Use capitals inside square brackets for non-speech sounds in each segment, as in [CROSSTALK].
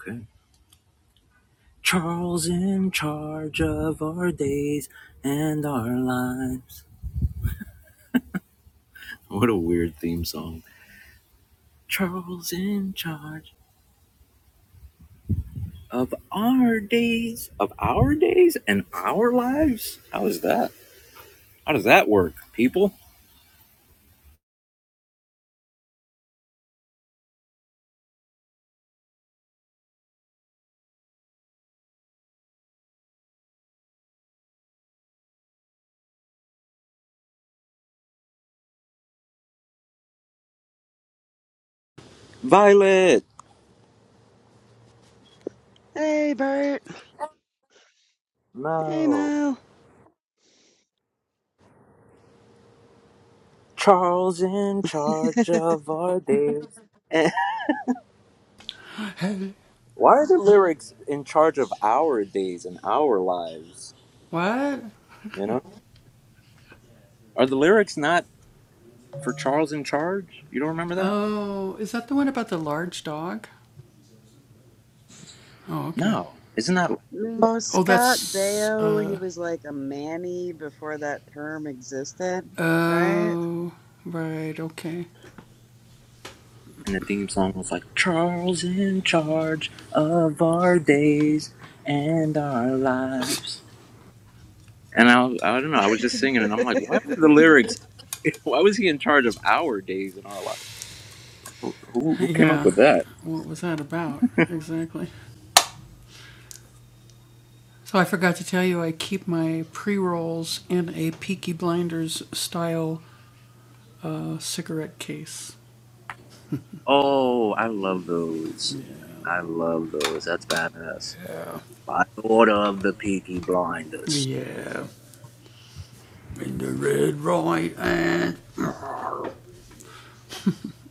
Okay. Charles in charge of our days and our lives. What a weird theme song. Charles in charge of our days, of our days and our lives. How is that? How does that work, people? Violet. Hey, Bert. Hey, No. Mo. Charles in charge of our days. [LAUGHS] and- Why are the lyrics in charge of our days and our lives? You know? Are the lyrics not? for Charles in Charge? You don't remember that? No. Isn't that No, Scott Baio, he was like a Manny before that term existed, right? and the theme song was like Charles in charge of our days and our lives. And I, I don't know, I was just singing and I'm like, why were the lyrics [LAUGHS] why was he in charge of our days and our lives? Who who came up with that? Oh, I love those. I love those. That's badass. By order of the Peaky Blinders.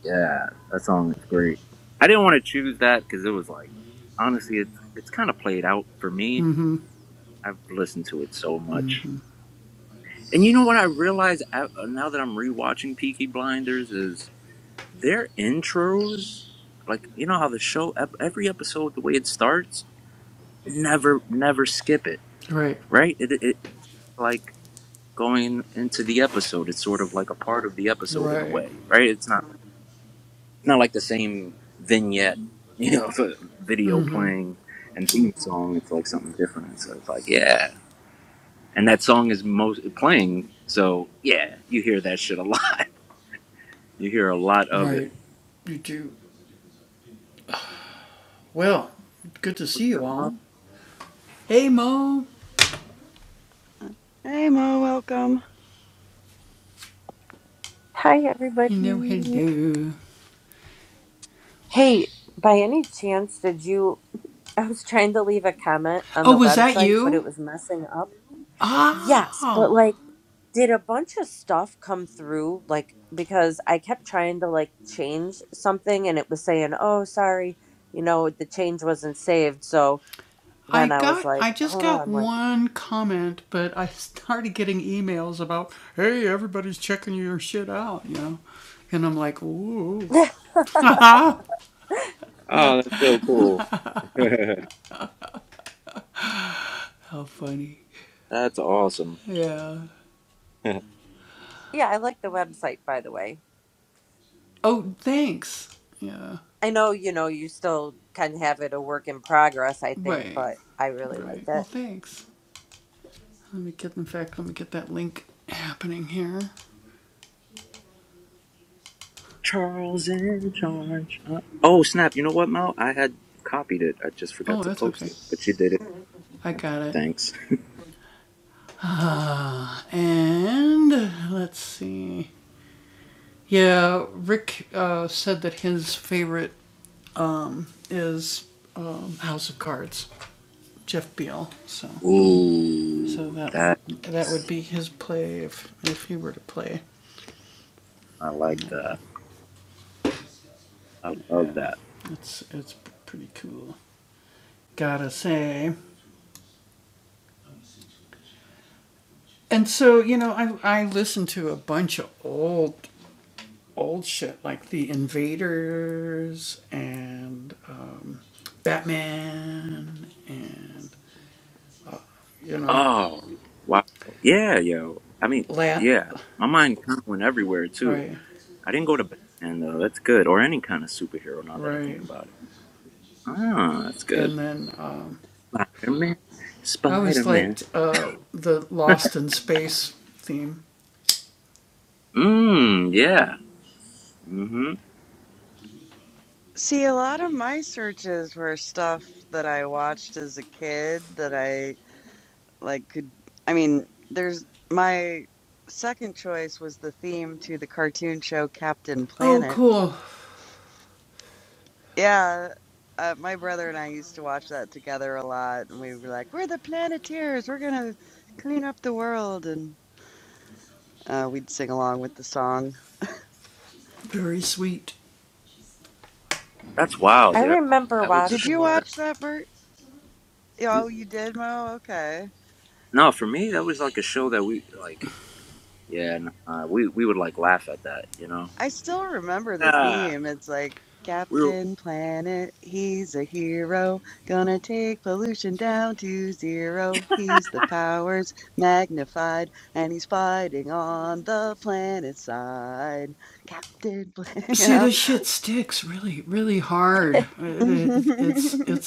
Yeah, that song is great. I didn't want to choose that because it was like, honestly, it's it's kind of played out for me. I've listened to it so much, and you know what I realize a- now that I'm rewatching Peaky Blinders is their intros. Like you know how the show ep- every episode the way it starts, never never skip it, right? It, it, it's like going into the episode. It's sort of like a part of the episode in a way, right? It's not not like the same vignette, you know, for video playing and theme song. It's like something different. So it's like, yeah. And that song is most playing. So yeah, you hear that shit a lot. [LAUGHS] You hear a lot of it. What's up, Mo? Hey, Mo. Welcome. Hi, everybody. Hey, by any chance, did you? [LAUGHS] I was trying to leave a comment on the website, but it was messing up. Yes, but like, did a bunch of stuff come through? Like, because I kept trying to like change something and it was saying, oh, sorry, you know, the change wasn't saved. So then I was like, oh no, I'm like, Oh, that's so cool. [LAUGHS] that's awesome. [LAUGHS] [LAUGHS] yeah, I like the website, by the way. I know, you know, you still kind of have it a work in progress, I think, but I really like it. Charles in charge. Uh, oh, snap. You know what, Mo? I had copied it. I just forgot to post it, but you did it. Thanks. [LAUGHS] Ooh, that, I like that. I love that. Oh, wow. Yeah, yo. I mean, yeah. My mind kind of went everywhere too. I didn't go to Batman though. That's good, or any kind of superhero. Now that I think about it, ah, that's good. Spider Man, Spider Man. Mmm, yeah. Mhm. See, a lot of my searches were stuff that I watched as a kid that I like could, I mean, there's my second choice was the theme to the cartoon show Captain Planet. Yeah, uh, my brother and I used to watch that together a lot, and we were like, "We're the Planeteers. We're gonna clean up the world," and uh, we'd sing along with the song. That's I wild, yo. remember That was a Did show. watching you watch that, Bert? That, Oh, you did, Mo? Okay. no, for me, that was like a show that we like. Yeah, nah, we we would like laugh at that, you know. I still remember the Yeah. theme. It's like We were Captain Planet, he's a hero, gonna take pollution down to zero. He's the powers magnified, and he's fighting on the planet side. Captain Planet, [LAUGHS] you know? it. Mhm. [LAUGHS]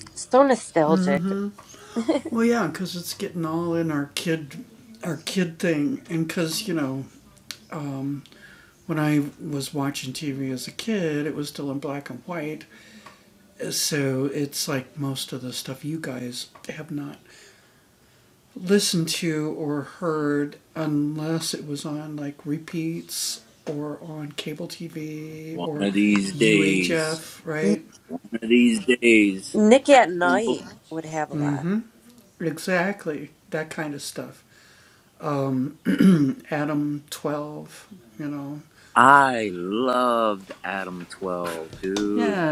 [LAUGHS] so nostalgic. one of these days. N- One of these days. Nick at Night would have a lot. I loved Adam 12, dude.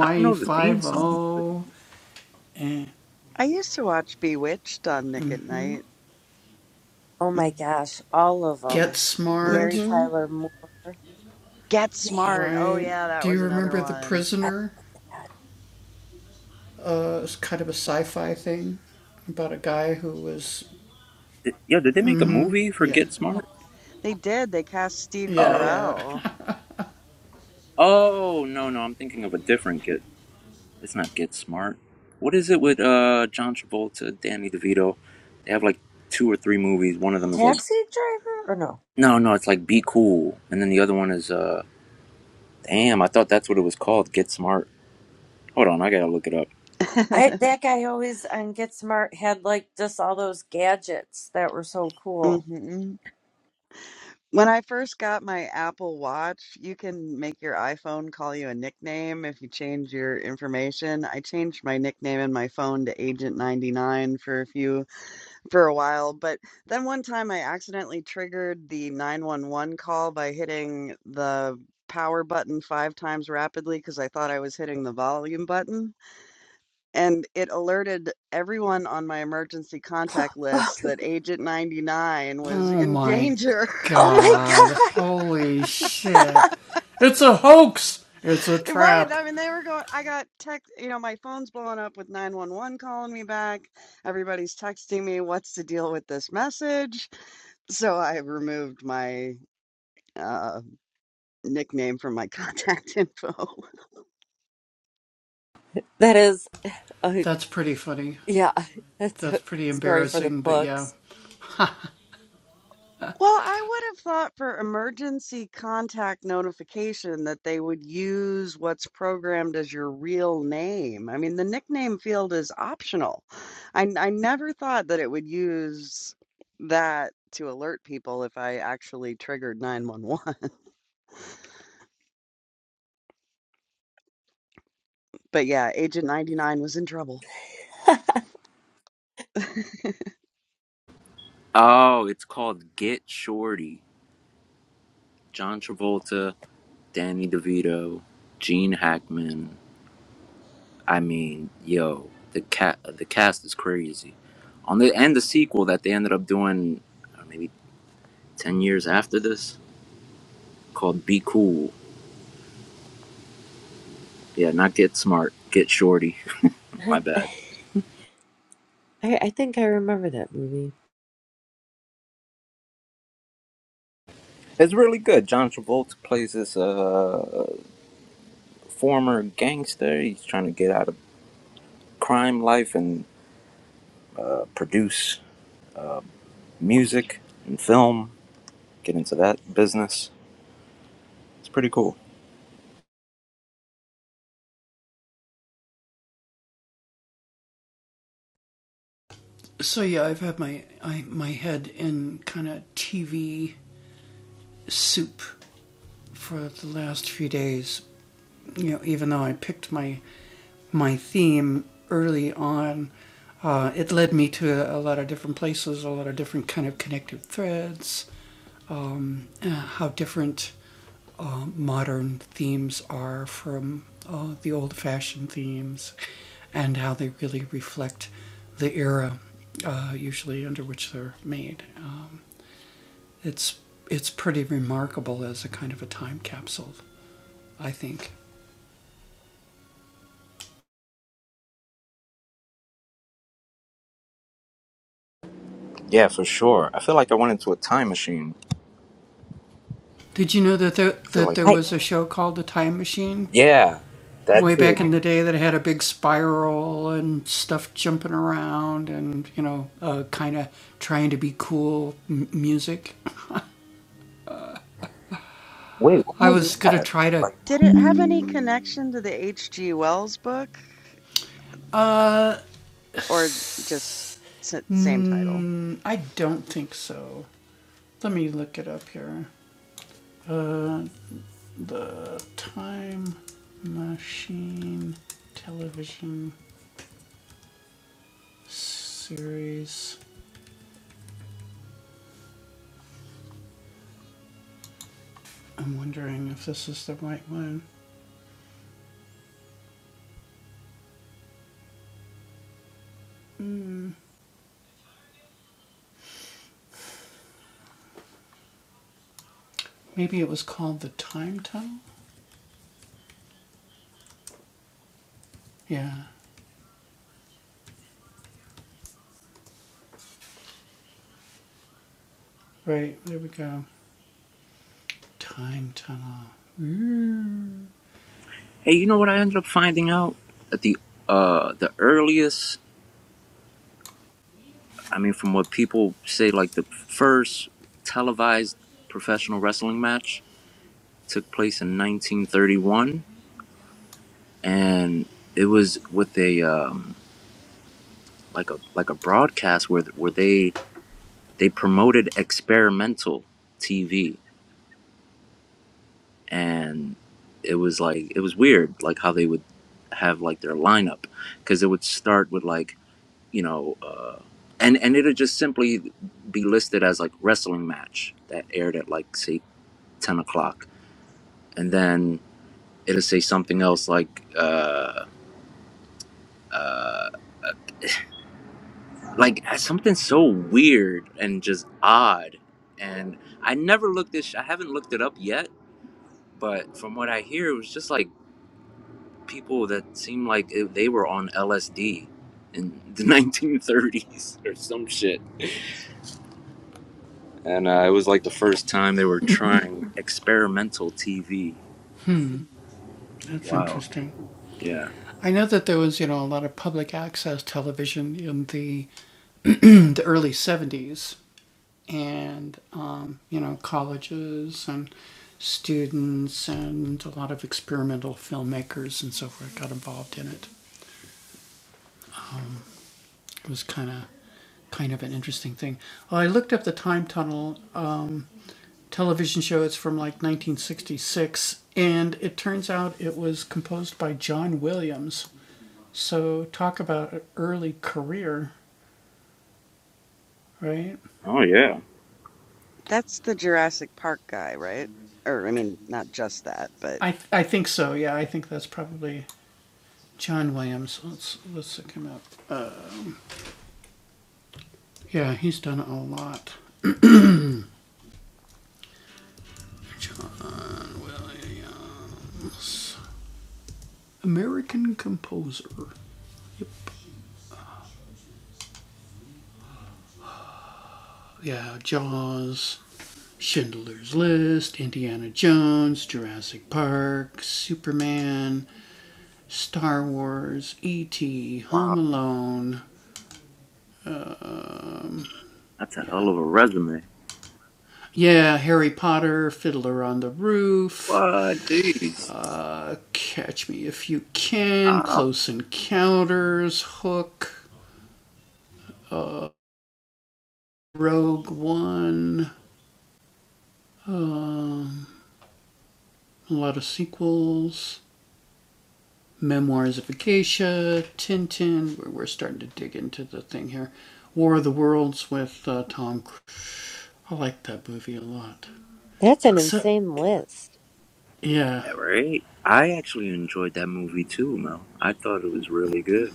I don't know the theme song. I used to watch Bewitched on Nick at Night. Oh my Mm-hmm. gosh, all of them. Mary Mm-hmm. Tyler Moore. Get Yeah. Smart. Oh yeah, that was another one. I- uh, Did, yeah, did they make a movie for Get Smart? They did. They cast Steve Uh, Carell. oh, no, no, I'm thinking of a different Get. It's not Get Smart. What is it with uh, John Travolta, Danny DeVito? They have like two or three movies. One of them is like, Taxi driver? Or no? no, no, it's like Be Cool. And then the other one is, uh, damn, I thought that's what it was called, Get Smart. Hold on, I gotta look it up. I [LAUGHS] that guy always on Get Smart had like just all those gadgets that were so cool. hmm When I first got my Apple Watch, you can make your iPhone call you a nickname if you change your information. I changed my nickname in my phone to Agent 99 for a few for a while, but then one time I accidentally triggered the 911 call by hitting the power button 5 times rapidly because I thought I was hitting the volume button and it alerted everyone on my emergency contact [LAUGHS] list that agent 99 was in danger. Oh my [LAUGHS] god. Right. I mean, they were going, I got text, you know, my phone's blowing up with 911 calling me back. Everybody's texting me, what's the deal with this message? So I removed my uh, nickname from my contact [LAUGHS] info. That is uh, yeah, [LAUGHS] that's a story for the books. Well, I would have thought for emergency contact notification that they would use what's programmed as your real name. I mean, the nickname field is optional. I, I never thought that it would use that to alert people if I actually triggered 911. [LAUGHS] But yeah, Agent 99 was in trouble. [LAUGHS] Did Oh, it's called Get Shorty. John Travolta, Danny DeVito, Gene Hackman. I mean, yo, the cat the cast is crazy. On the and the sequel that they ended up doing uh, maybe 10 years after this called Be Cool. Yeah, not Get Smart, Get Shorty. [LAUGHS] My bad. I, I think I remember that movie. It's really good. John Travolta plays this uh, former gangster. He's trying to get out of crime life and uh, produce music and film, get into that business. It's pretty cool. Yeah, for sure. I feel like I went into a time machine. I feel like I Yeah, that too. Wait, what was that? Like it have any connection to the H.G. Wells book or just s- same title? Hey, you know what I ended up finding out? That the uh the earliest I mean from what people say like the first televised professional wrestling match took place in 1931 and it was with a um like a like a broadcast where where they they promoted experimental TV and it was like it was weird like how they would have like their lineup because it would start with like you know uh and and it'd just simply be listed as like wrestling match that aired at like say 10 o'clock and then it'll say something else like uh uh like uh, something so weird and just odd and i never looked this i haven't looked it up yet but from what i hear it was just like people that seemed like it, they were on LSD in the [LAUGHS] 1930s or some shit. And uh, it was like the first time they were trying experimental TV. Wow. Yeah. Oh, yeah. That's the Jurassic Park guy, right? Or, I mean, not just that, but Wow. That's a hell of a resume. What? Jeez. Oh, that's an insane list. yeah, right. I actually enjoyed that movie too, Mel. I thought it was really good.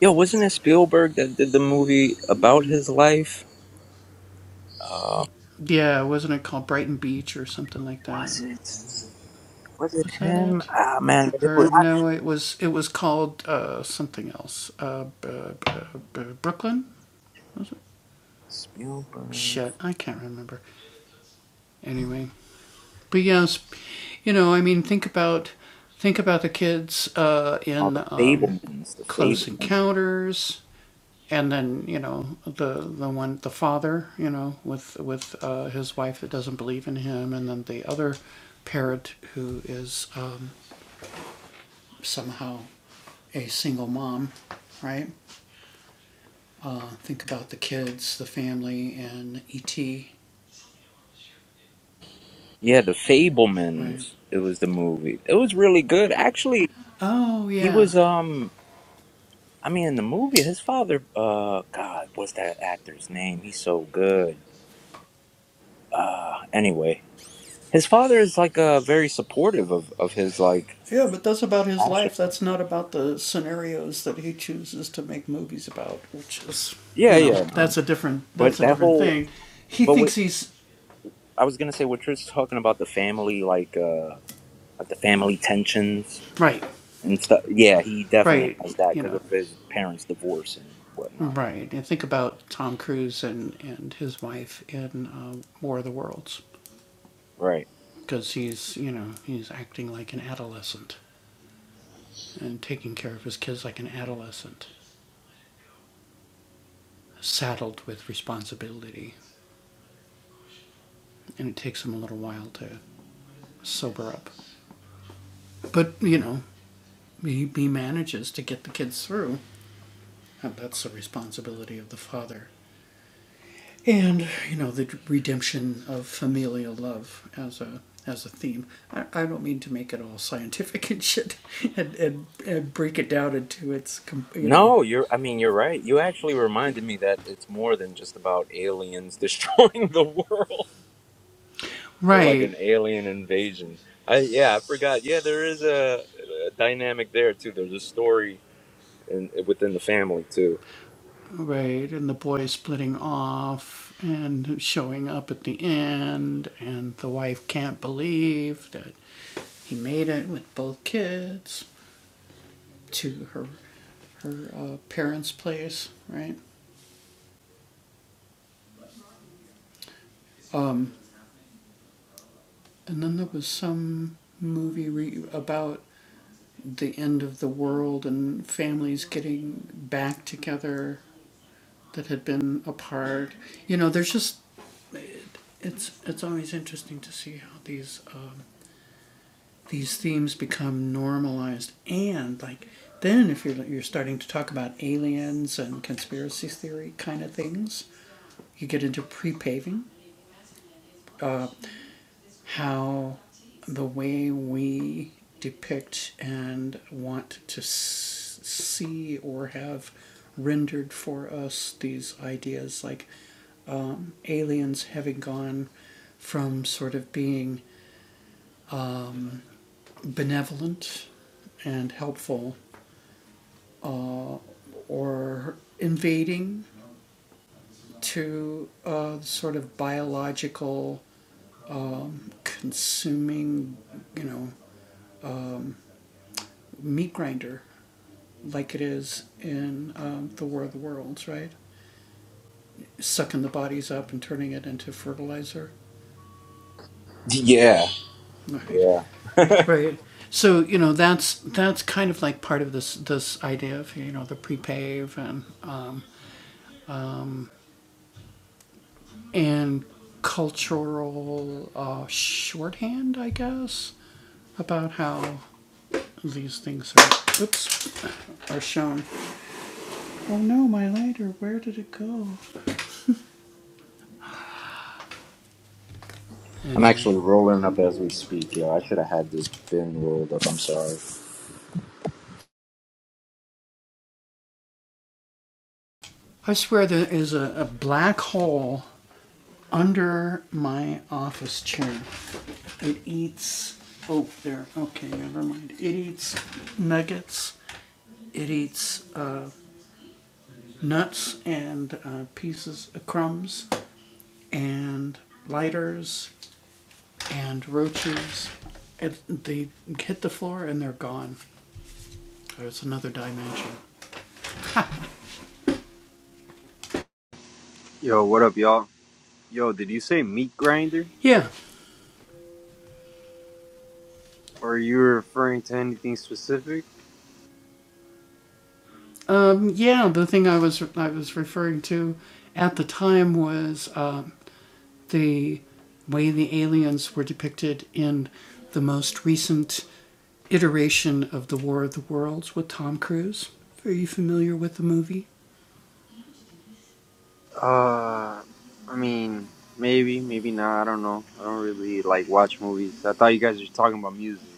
Yo, wasn't it Spielberg that did the movie about his life? Was it? Was it him? Ah, man. It was. Spielberg. Oh, the Fablemans. The Fablemans. Yeah, the Fablemans. It was the movie. It was really good, actually. He was um. I mean, in the movie, his father. Uh, God, what's that actor's name? He's so good. Uh, anyway, his father is like uh very supportive of of his like passion. Yeah, yeah. Um, but that whole. But what I was gonna say, what you're talking about the family, like uh, like the family tensions and stuff. Yeah, he definitely has that because of his parents' divorce and whatnot. Right. No, you're. I mean, you're right. You actually reminded me that it's more than just about aliens [LAUGHS] destroying the world or like an alien invasion. I yeah, I forgot. Yeah, there is a, a dynamic there too. There's a story in, within the family too. Yeah. Yeah. I'm actually rolling up as we speak. Yo, I should have had this bin rolled up. I'm sorry. Yo, what up, y'all? Yo, did you say meat grinder? Or are you referring to anything specific? Uh, I mean, maybe, maybe not. I don't know. I don't really like watch movies. I thought you guys were talking about music.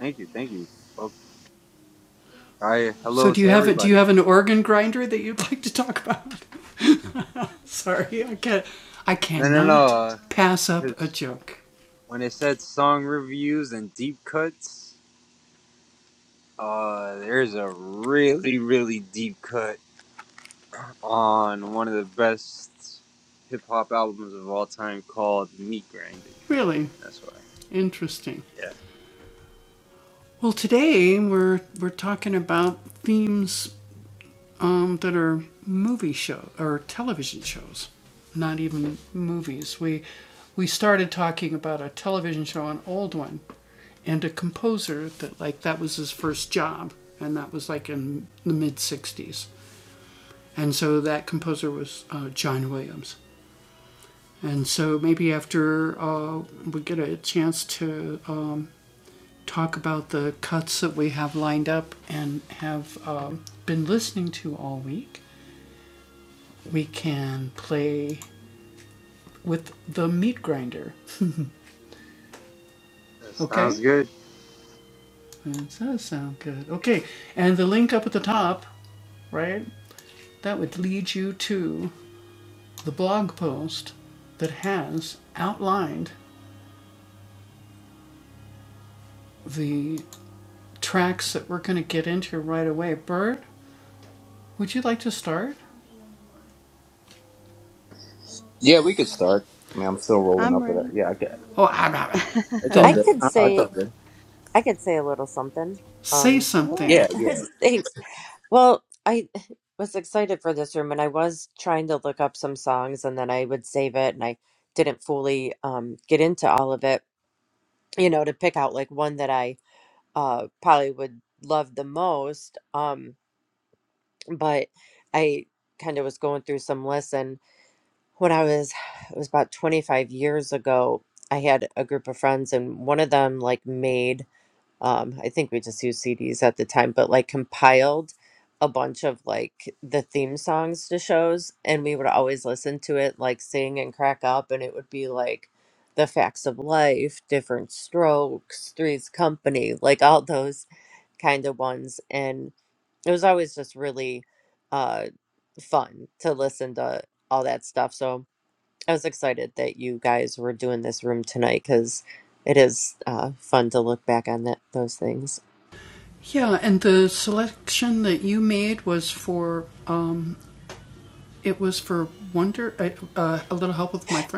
Thank you, thank you. Oh, Hi, hello to everybody. No, no, no. Because when it said song reviews and deep cuts, uh, there's a really, really deep cut on one of the best hip hop albums of all time called Meat Grinder. That's why. Yeah. That sounds good. Yeah, we could start. I mean, I'm still rolling I'm up. ready. At, yeah, I, [LAUGHS] It's all I good. could No, no, it's all say good. I could say a little something. Um, because- yeah. Yeah, yeah. [LAUGHS] thanks. Well, I [LAUGHS] was excited for this room, and I was trying to look up some songs, and then I would save it, and I didn't fully um get into all of it. You know, to pick out like one that I uh probably would love the most. Um, but I kind of was going through some lists, and when I was [SIGHS] it was about twenty five years ago. I had a group of friends, and one of them like made um, I think we just used CDs at the time, but like compiled a bunch of like the theme songs to shows, and we would always listen to it, like sing and crack up, and it would be like the facts of life, different strokes, Three's Company, like all those kind of ones, and it was always just really uh, fun to listen to all that stuff. So I was excited that you guys were doing this room tonight because it is uh, fun to look back on that those things.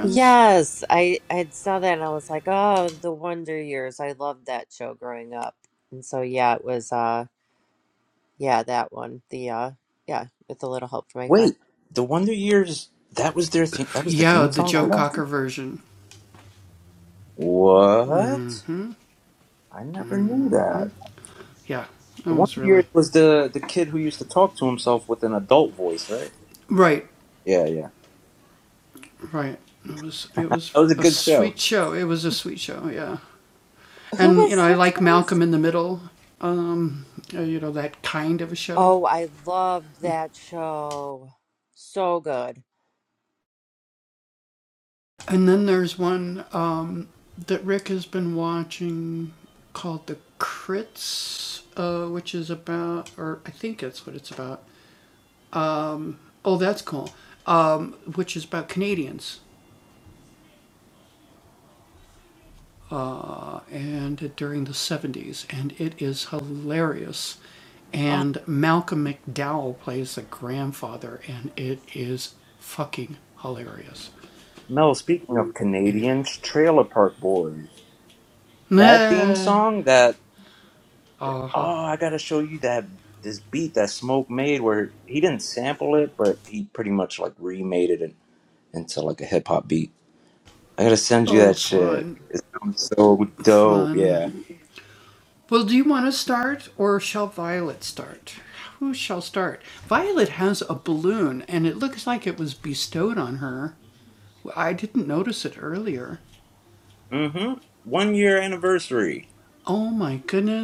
Yes, I I had saw that and I was like, oh, the Wonder Years. I loved that show growing up. And so yeah, it was uh yeah, that one. The uh yeah, with a little help from my friend. Wait, the Wonder Years. That was their theme. That was the theme song Yeah. for that. What? I never knew that. The Wonder Years was the the kid who used to talk to himself with an adult voice, right? Yeah, yeah. That was a good show. Who was his voice? Oh, I loved that show. So good. Oh, Mel. Speaking of Canadians, Trailer Park Boys. That theme song. That oh, I gotta show you that this beat that Smoke made, where he didn't sample it, but he pretty much like remade it in, into like a hip hop beat. I gotta send you that shit. It's so dope. Yeah. Mm-hmm. One year anniversary.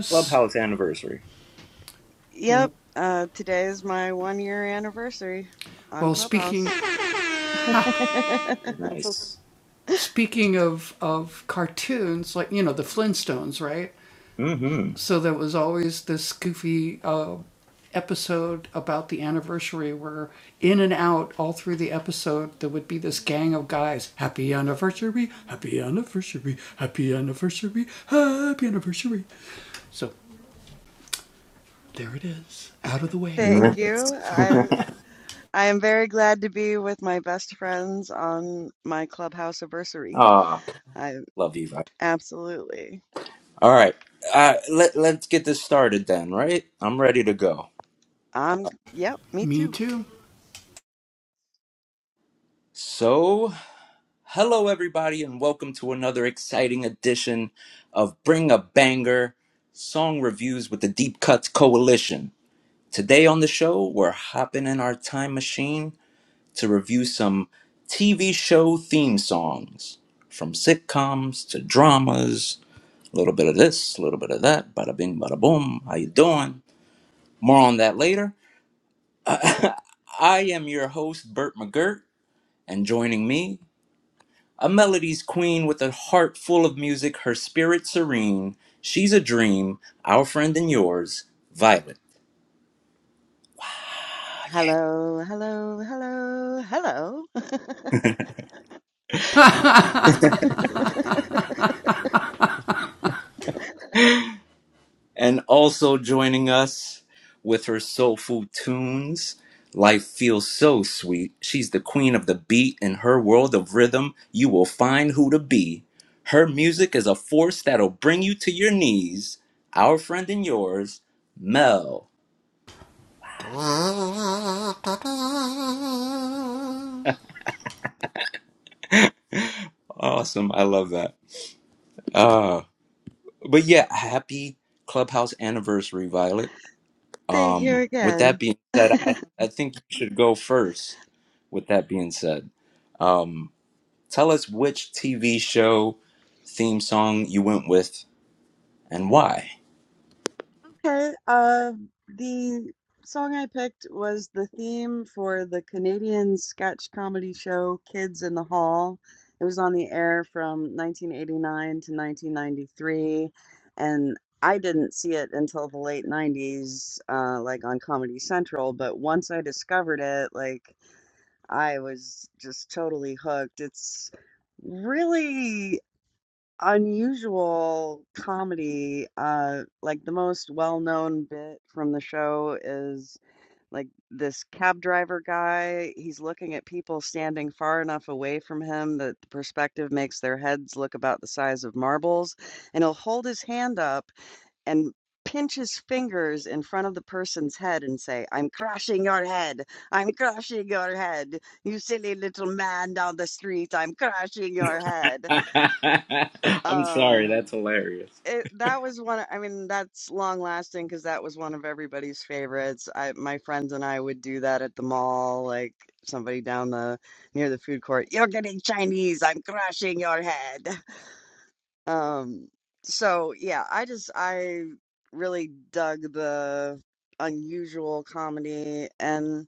Clubhouse anniversary. Yep. Uh, today is my one year anniversary on Clubhouse. [LAUGHS] [LAUGHS] Nice. Mm-hmm. Thank Nice. you. [LAUGHS] I I am very glad to be with my best friends on my Clubhouse anniversary. Ah, I love you. Vi. absolutely. All right. Uh, let Let's get this started then. Right. I'm ready to go. Um, yep, me too. So, hello everybody, and welcome to another exciting edition of Bring a Banger Song Reviews with the Deep Cuts Coalition. Today on the show, we're hopping in our time machine to review some TV show theme songs from sitcoms to dramas, a little bit of this, a little bit of that, bada bing, bada boom. How you doing? More on that later. I am your host, Burt McGirt, and joining me, a melody's queen with a heart full of music, her spirit serene. She's a dream, our friend and yours, Violet. Hello, hello, hello, hello. [LAUGHS] And also joining us with her soulful tunes, Life Feels So Sweet. She's the queen of the beat. In her world of rhythm, you will find who to be. Her music is a force that'll bring you to your knees. Our friend and yours, Mel. Awesome. I love that. Uh, but yeah, happy clubhouse anniversary, Violet. Thank you Um, with that again. being said, I, I think you should go first. With that being said, um, Tell us which TV show theme song you went with and why. Okay, uh, the song I picked was the theme for the Canadian sketch comedy show Kids in the Hall. It was on the air from 1989 to 1993, and I didn't see it until the late 90s, uh, like on Comedy Central. But once I discovered it, like I was just totally hooked. It's really unusual comedy. Uh, like the most well-known bit from the show is like this cab driver guy. He's looking at people standing far enough away from him that the perspective makes their heads look about the size of marbles, and he'll hold his hand up and pinch his fingers in front of the person's head and say, I'm crushing your head. I'm crushing your head. You silly little man down the street. I'm crushing your head. [LAUGHS] I'm sorry, Um, that's hilarious. it, that was one, I mean, that's long lasting because that was one of everybody's favorites. I, my friends and I would do that at the mall, like somebody down the near the food court. You're getting Chinese. I'm crushing your head. Um, so yeah, I just I really dug the unusual comedy and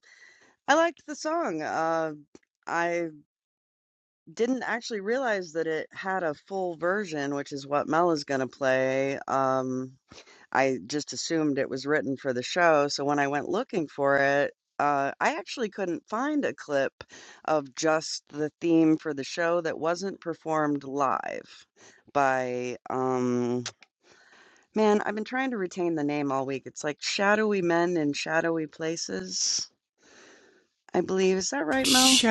I liked the song. Uh, I didn't actually realize that it had a full version, which is what Mel is gonna play. Um, I just assumed it was written for the show, so when I went looking for it, uh, I actually couldn't find a clip of just the theme for the show that wasn't performed live by um. Man, I've been trying to retain the name all week. It's like Shadowy Men in Shadowy Places, I believe. Is that right, Mel?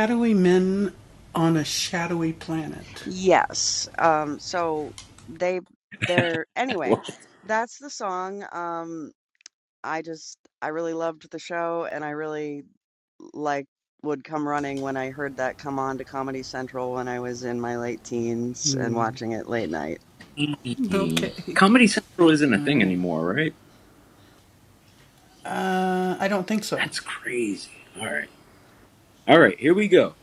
Yes. Um, so they they're [LAUGHS] anyway, that's the song. Um, I just I really loved the show and I really like would come running when I heard that come on to Comedy Central when I was in my late teens and watching it late night. Mm. Comedy Central isn't a thing anymore, right? That's crazy. All right. All right, here we go.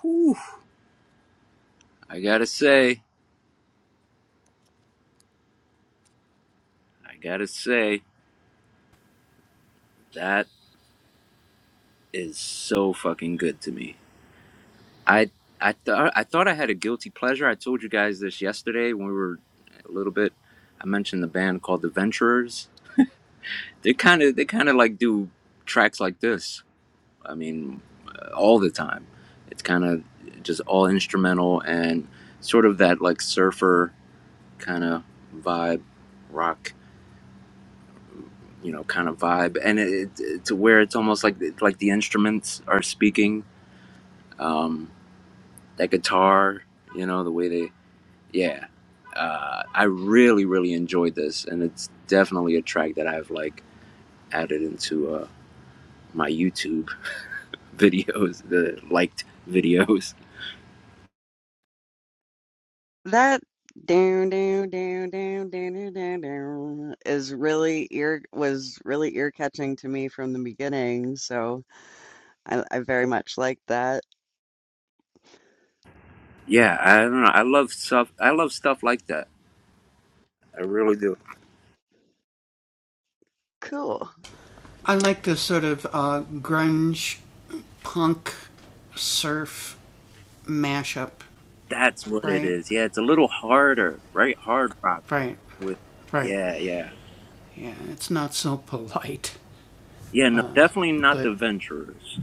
Whew. I gotta say, I gotta say, that is so fucking good to me. I I thought I thought I had a guilty pleasure. I told you guys this yesterday when we were a little bit. I mentioned the band called The Venturers. They kind of they kind of like do tracks like this. I mean, uh, all the time. It's kind of just all instrumental and sort of that like surfer kind of vibe, rock, you know, kind of vibe. And it, it to where it's almost like like the instruments are speaking. That guitar, you know, the way they yeah. Uh, I really really enjoyed this, and it's definitely a track that I've like added into uh, my YouTube. videos, the liked videos. That down, down, down, down, down, down, down, down is really ear was really ear catching to me from the beginning, so I, I very much like that. Yeah, I don't know. I love stuff. I love stuff like that. I really do. Cool. That's what it is. Yeah, it's a little harder, right? Hard rock with. Yeah, yeah, yeah. No, definitely not the Venturers.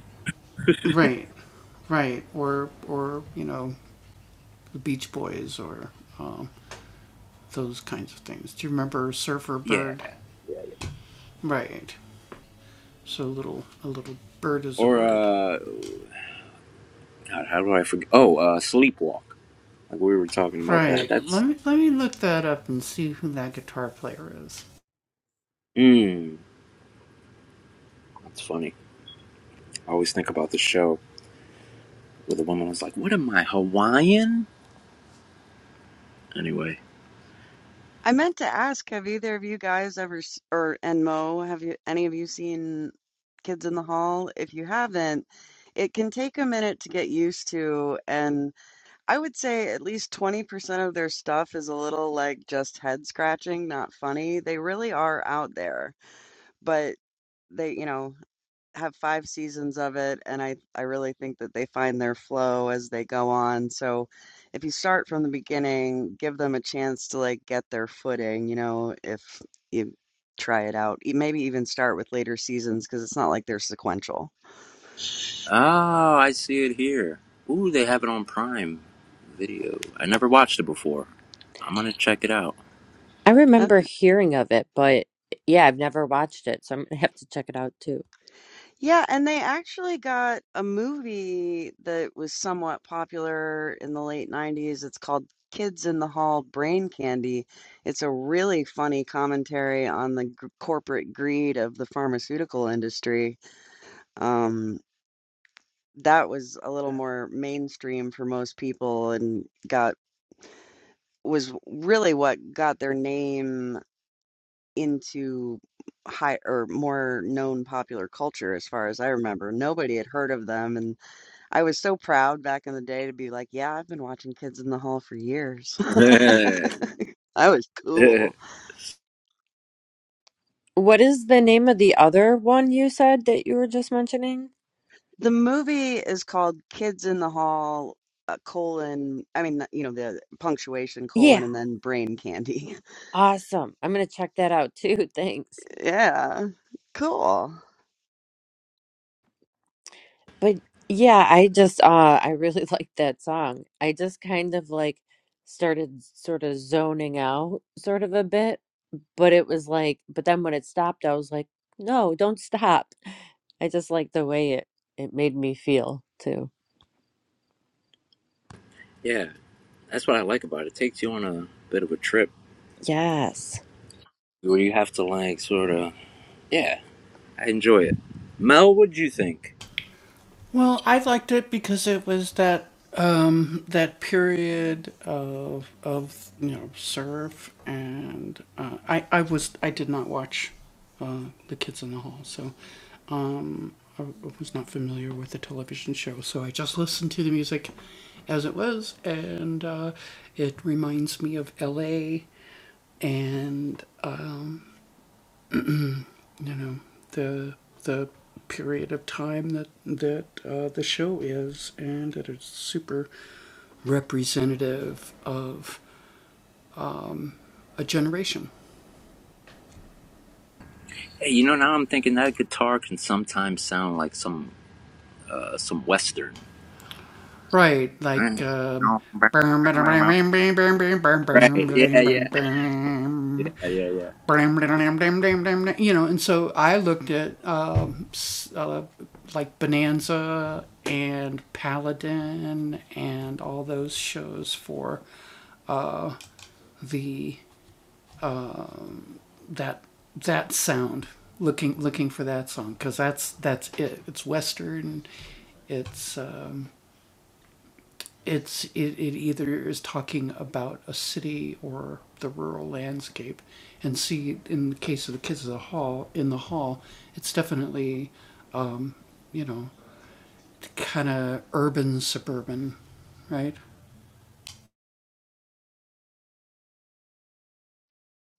Yeah, yeah, yeah. Or uh, God, how do I forget? Oh, uh, Sleepwalk. Like we were talking about that. That's mm, that's funny. I always think about the show where the woman was like, "What am I Hawaiian?" Anyway. I meant to ask, have either of you guys ever, s- or and Mo, have you any of you seen Kids in the Hall? If you haven't, it can take a minute to get used to, and I would say at least 20% of their stuff is a little like just head scratching, not funny. They really are out there, but they, you know have 5 seasons of it, and I I really think that they find their flow as they go on. So if you start from the beginning, give them a chance to like get their footing, you know, if you try it out. E- Maybe even start with later seasons because it's not like they're sequential. Oh, I see it here. Ooh, they have it on Prime Video. I never watched it before. I'm gonna check it out. I remember hearing of it, but yeah, I've never watched it, so I'm gonna have to check it out too. Yeah, and they actually got a movie that was somewhat popular in the late 90s. It's called Kids in the Hall Brain Candy. It's a really funny commentary on the g corporate greed of the pharmaceutical industry. Um, that was a little more mainstream for most people and got was really what got their name into high or more known popular culture as far as I remember. Nobody had heard of them and I was so proud back in the day to be like, yeah, I've been watching Kids in the Hall for years. [LAUGHS] [LAUGHS] yeah, I was cool. What is the name of the other one you said that you were just mentioning? The movie is called Kids in the Hall, uh, colon, I mean, you know, the punctuation Yeah. colon and then brain candy. [LAUGHS] Awesome. I'm gonna check that out too. [LAUGHS] Thanks. Yeah, cool. But yeah, I just uh I really [LAUGHS] liked that song. I just kind of like started sort of zoning out sort of a bit, but it was like but then when it stopped, I was like, "No, don't stop." I just like the way it it made me feel too. that's what I like about it. It takes you on a bit of a trip Yes. where you have to like sort of. Yeah, I enjoy it. Mel, what'd you think? Hey, you know now I'm thinking that guitar can sometimes sound like some uh some western. Right. Yeah. Yeah. Yeah. Yeah. Yeah.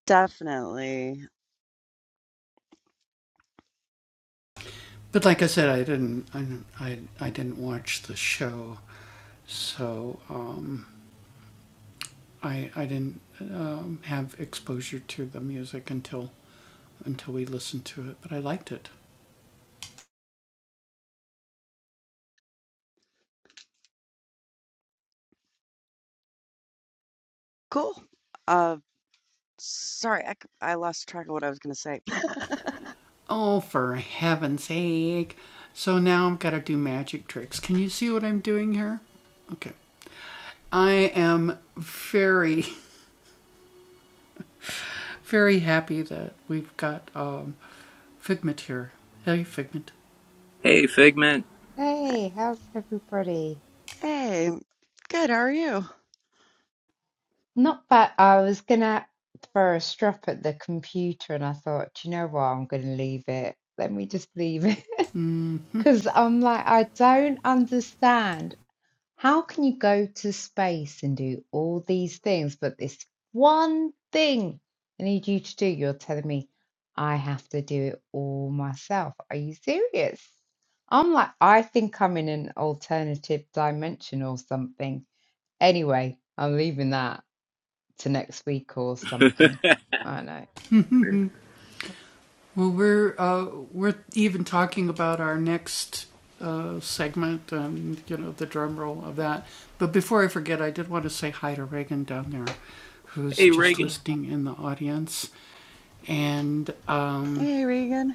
Definitely cool. Uh, sorry, I, c- I lost track of what I was going to say. [LAUGHS] Hey, Figment. Hey, how's everybody? Hey, good. How are you? Not bad. I was gonna throw a strop at the computer and I thought, "Do you know what? I'm gonna leave it. Let me just leave it. [LAUGHS] Because I'm like, I don't understand. How can you go to space and do all these things, but this one thing I need you to do, you're telling me I have to do it all myself. Are you serious? I'm like, I think I'm in an alternative dimension or something. Anyway, I'm leaving that to next week or [LAUGHS] something. hey, I know. Reagan. Hey, Regan.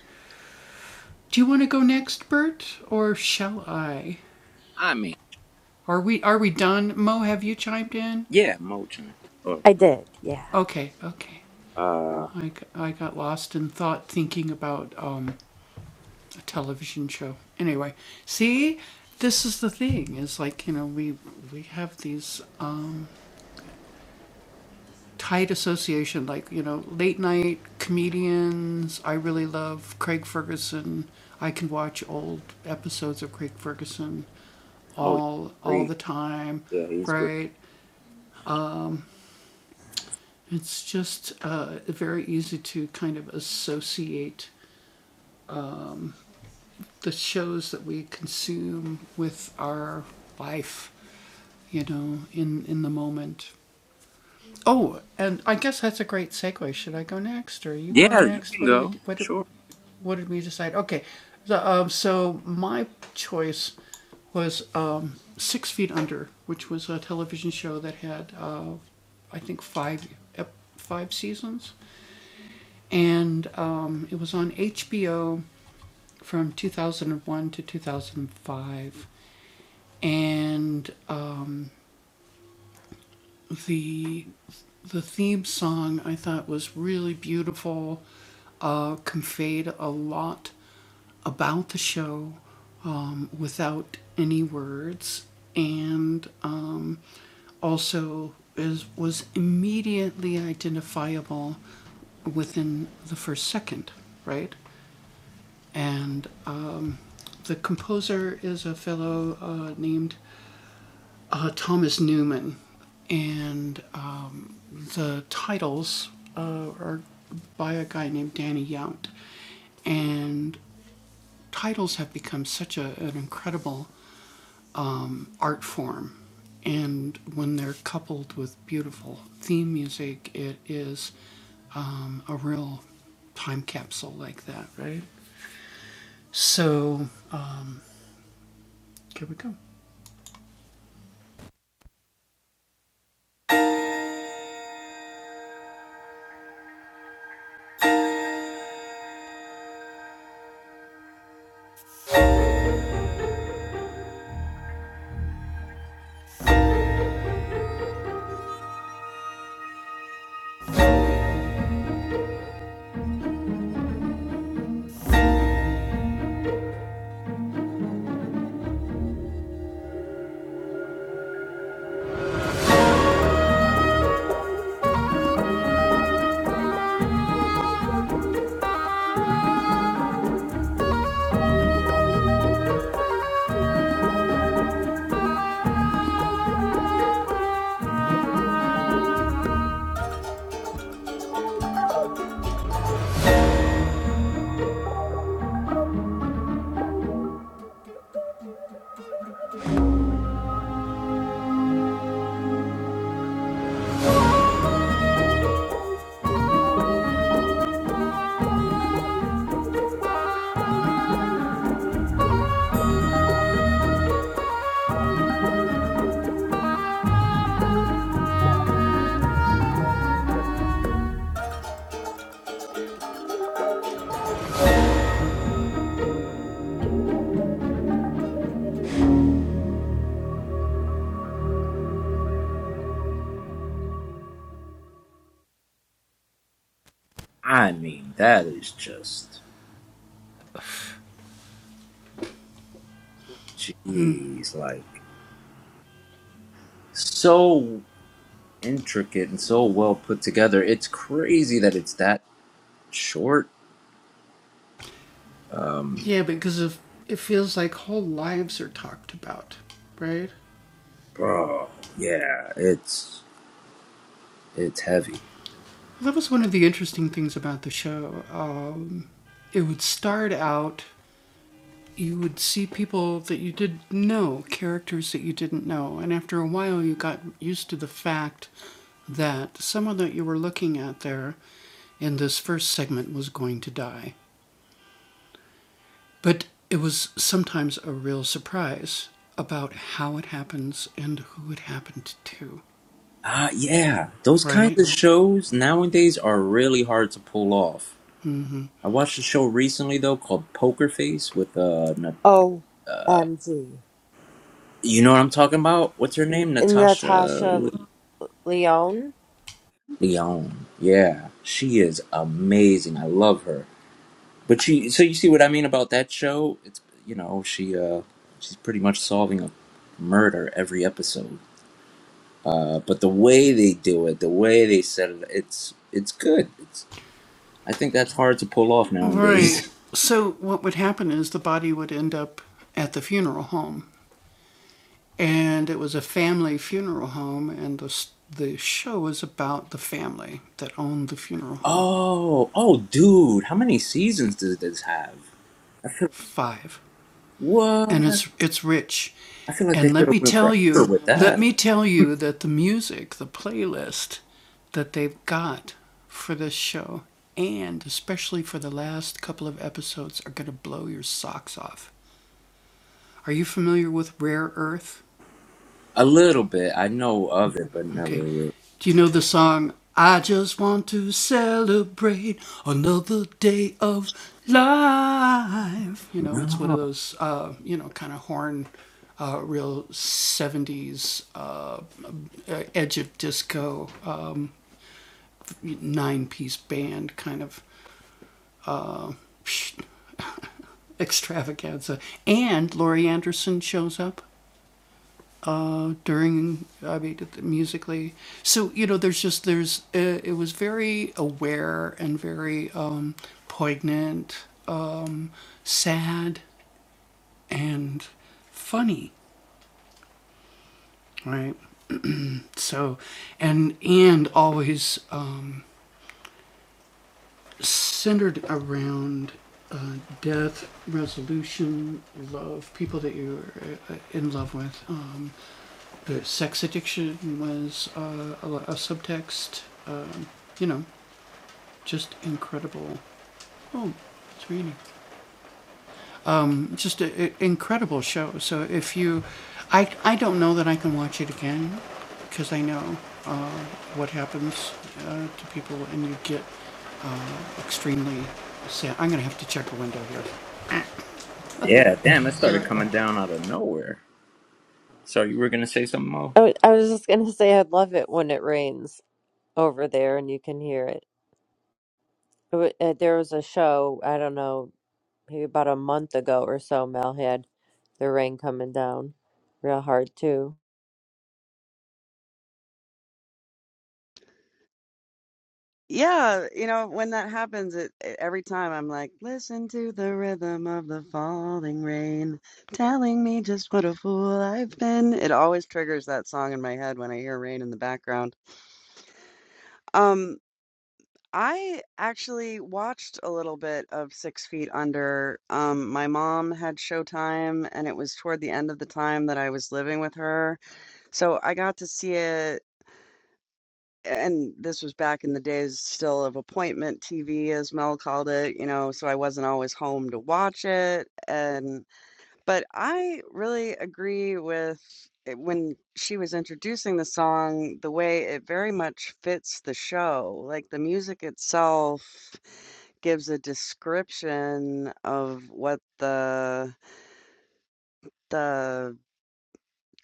I mean. Yeah, Moulton. Oh, I did. Yeah. uh, oh, great. Yeah, he's great. Yeah, you can go. Sure. Wanna I mean, that is just, jeez, like so intricate and so well put together. It's crazy that it's that short. Um, bro, yeah, it's it's heavy. Ah, yeah, those kinds of shows nowadays are really hard to pull off. I watched a show recently though called Poker Face with uh, OMG. You know what I'm talking about? What's her N- name? Natasha Natasha Le- Leone. Leon. Yeah, she is amazing. I love her. But she, so you see what I mean about that show? It's you know she uh she's pretty much solving a murder every episode. Uh, but the way they do it, the way they set it, it's it's good. It's I think that's hard to pull off nowadays. [LAUGHS] oh, oh, dude, how many seasons does this have? What? I feel like they could have went forever with that. A little bit. I know of it, but never really. No. Yeah, damn, it started coming down out of nowhere. So you were gonna say something, Mo? I, w- I was just gonna [LAUGHS] say I love it when it rains over there and you can hear it. It wa- uh, There was a show, I don't know, maybe about a month ago or so, Mel had the rain coming down real hard too. Yeah, you know, when that happens, it, it every time I'm like, listen to the rhythm of the falling rain, telling me just what a fool I've been. It always triggers that song in my head when I hear rain in the background. Um, I actually watched a little bit of Six Feet Under. Um, my mom had Showtime, and it was toward the end of the time that I was living with her, so I got to see it and this was back in the days still of appointment TV, as Mel called it, you know, so I wasn't always home to watch it. And, but I really agree with it- when she was introducing the song, the way it very much fits the show. Like the music itself gives a description of what the the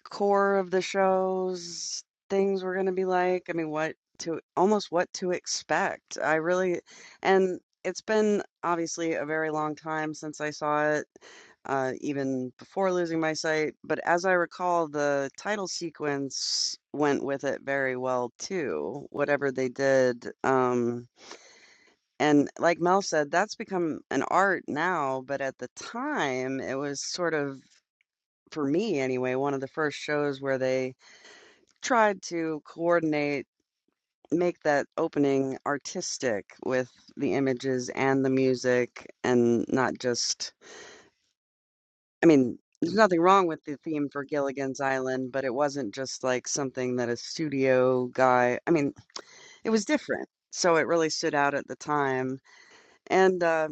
core of the shows, things were going to be like. I mean, what to almost what to expect. I really, and it's been obviously a very long time since I saw it, uh, even before losing my sight. But as I recall, the title sequence went with it very well too, whatever they did. Um, and like Mel said, that's become an art now, but at the time it was sort of, for me anyway, one of the first shows where they tried to coordinate, make that opening artistic with the images and the music and not just, I mean, there's nothing wrong with the theme for Gilligan's Island, but it wasn't just like something that a studio guy, I mean, it was different. So it really stood out at the time. And uh,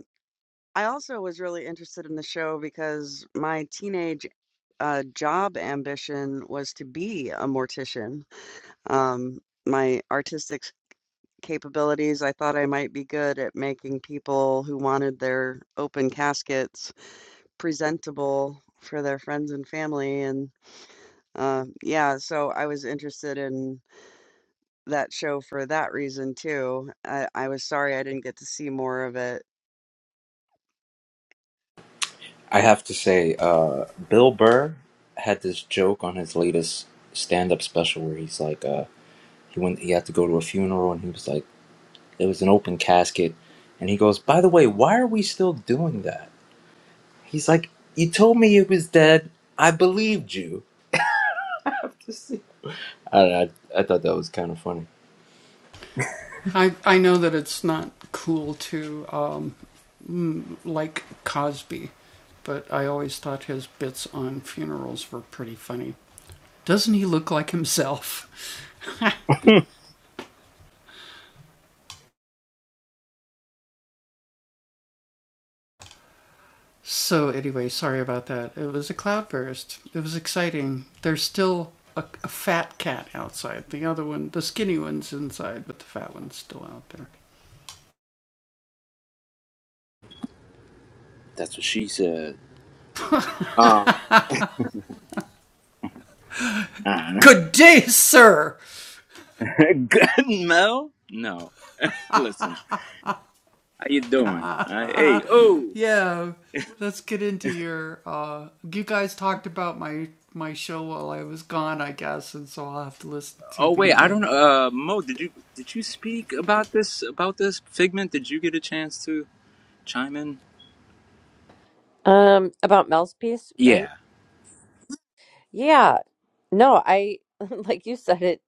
I also was really interested in the show because my teenage uh, job ambition was to be a mortician. Um, my artistic capabilities, I thought I might be good at making people who wanted their open caskets presentable for their friends and family. And uh, yeah, so I was interested in that show for that reason too. I, I was sorry I didn't get to see more of it. I have to say, uh, Bill Burr had this joke on his latest stand-up special where he's like, uh, he went, he had to go to a funeral, and he was like, it was an open casket, and he goes, by the way, why are we still doing that? He's like, you told me it was dead. I believed you. [LAUGHS] Just- I don't know. I, I thought that was kind of funny. [LAUGHS] That's what she said. Uh, [LAUGHS] good Mel? No. Listen, how you doing? Uh, hey, oh, oh wait, I don't. know. Uh, Mo, did you did you speak about this about this figment? Did you get a chance to chime in? Um, about Mel's piece, right? Yeah. Yeah. No, I [LAUGHS] like you said it,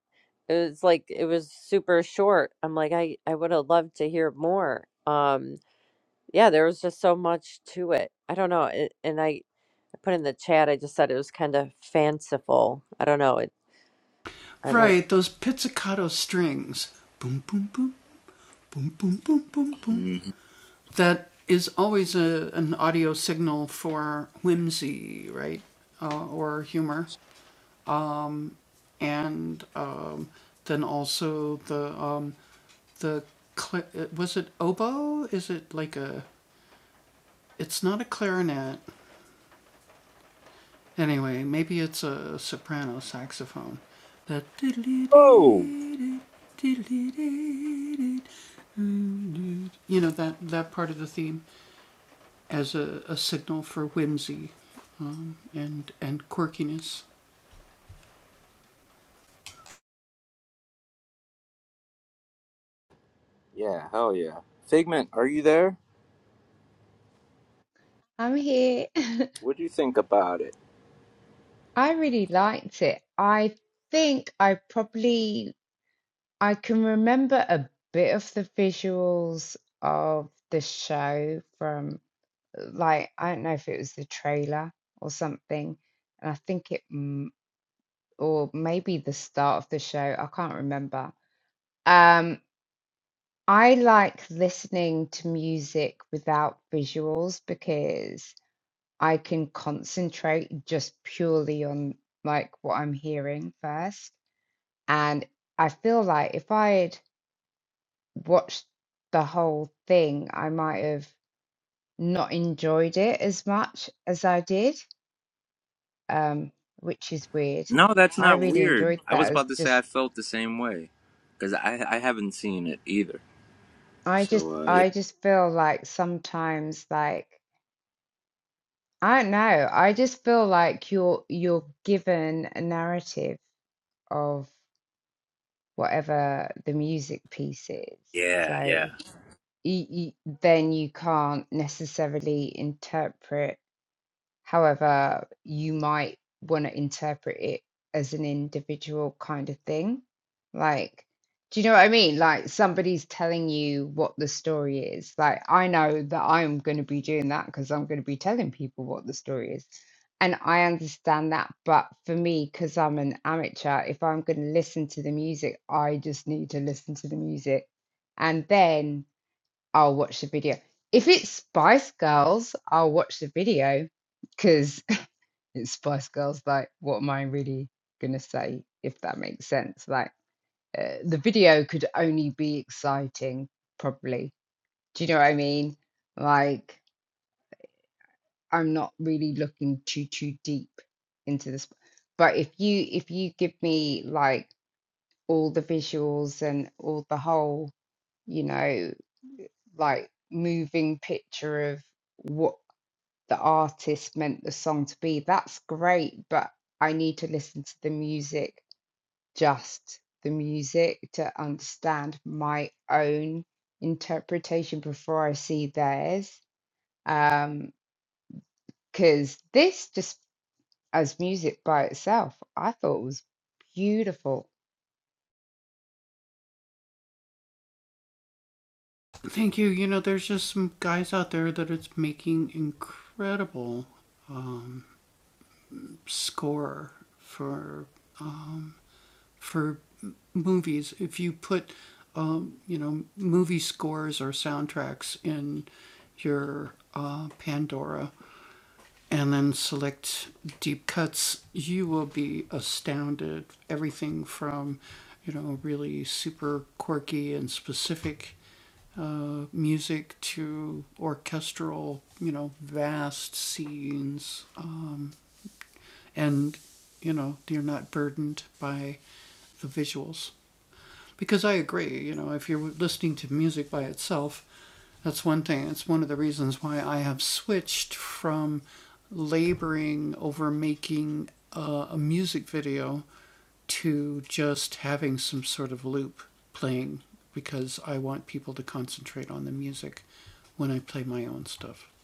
it was like it was super short. I'm like I I would have loved to hear more. Um, yeah, there was just so much to it. I don't know. It, and I I put in the chat, I just said it was kind of fanciful. I don't know. It I like. hmm Oh, yeah, hell yeah. Figment, are you there? I'm here. [LAUGHS] What do you think about it? I really liked it. I think I probably I can remember a bit of the visuals of the show from like I don't know if it was the trailer or something, and I think it m- or maybe the start of the show. I can't remember. Um, I like listening to music without visuals because I can concentrate just purely on like what I'm hearing first. And I feel like if I had watched the whole thing, I might have not enjoyed it as much as I did, um, which is weird. No, that's I not really weird. enjoyed I was that. As about to say I just, felt the same way because I I haven't seen it either. I just, So uh, yeah, I just feel like sometimes like I don't know. I just feel like you're you're given a narrative of whatever the music piece is. yeah, yeah. So you, you, then you can't necessarily interpret. However, you might want to interpret it as an individual kind of thing. Like, do you know what I mean? Like, somebody's telling you what the story is. Like, I know that I'm going to be doing that because I'm going to be telling people what the story is. And I understand that. But for me, because I'm an amateur, if I'm going to listen to the music, I just need to listen to the music. And then I'll watch the video. If it's Spice Girls, I'll watch the video because [LAUGHS] it's Spice Girls. Like, what am I really gonna say if that makes sense? Like, uh, the video could only be exciting, probably. Do you know what I mean? Like, I'm not really looking too too deep into this. But if you if you give me like all the visuals and all the whole, you know, like moving picture of what. the artist meant the song to be. That's great, but I need to listen to the music, just the music, to understand my own interpretation before I see theirs. Um, because this just as music by itself, I thought was beautiful.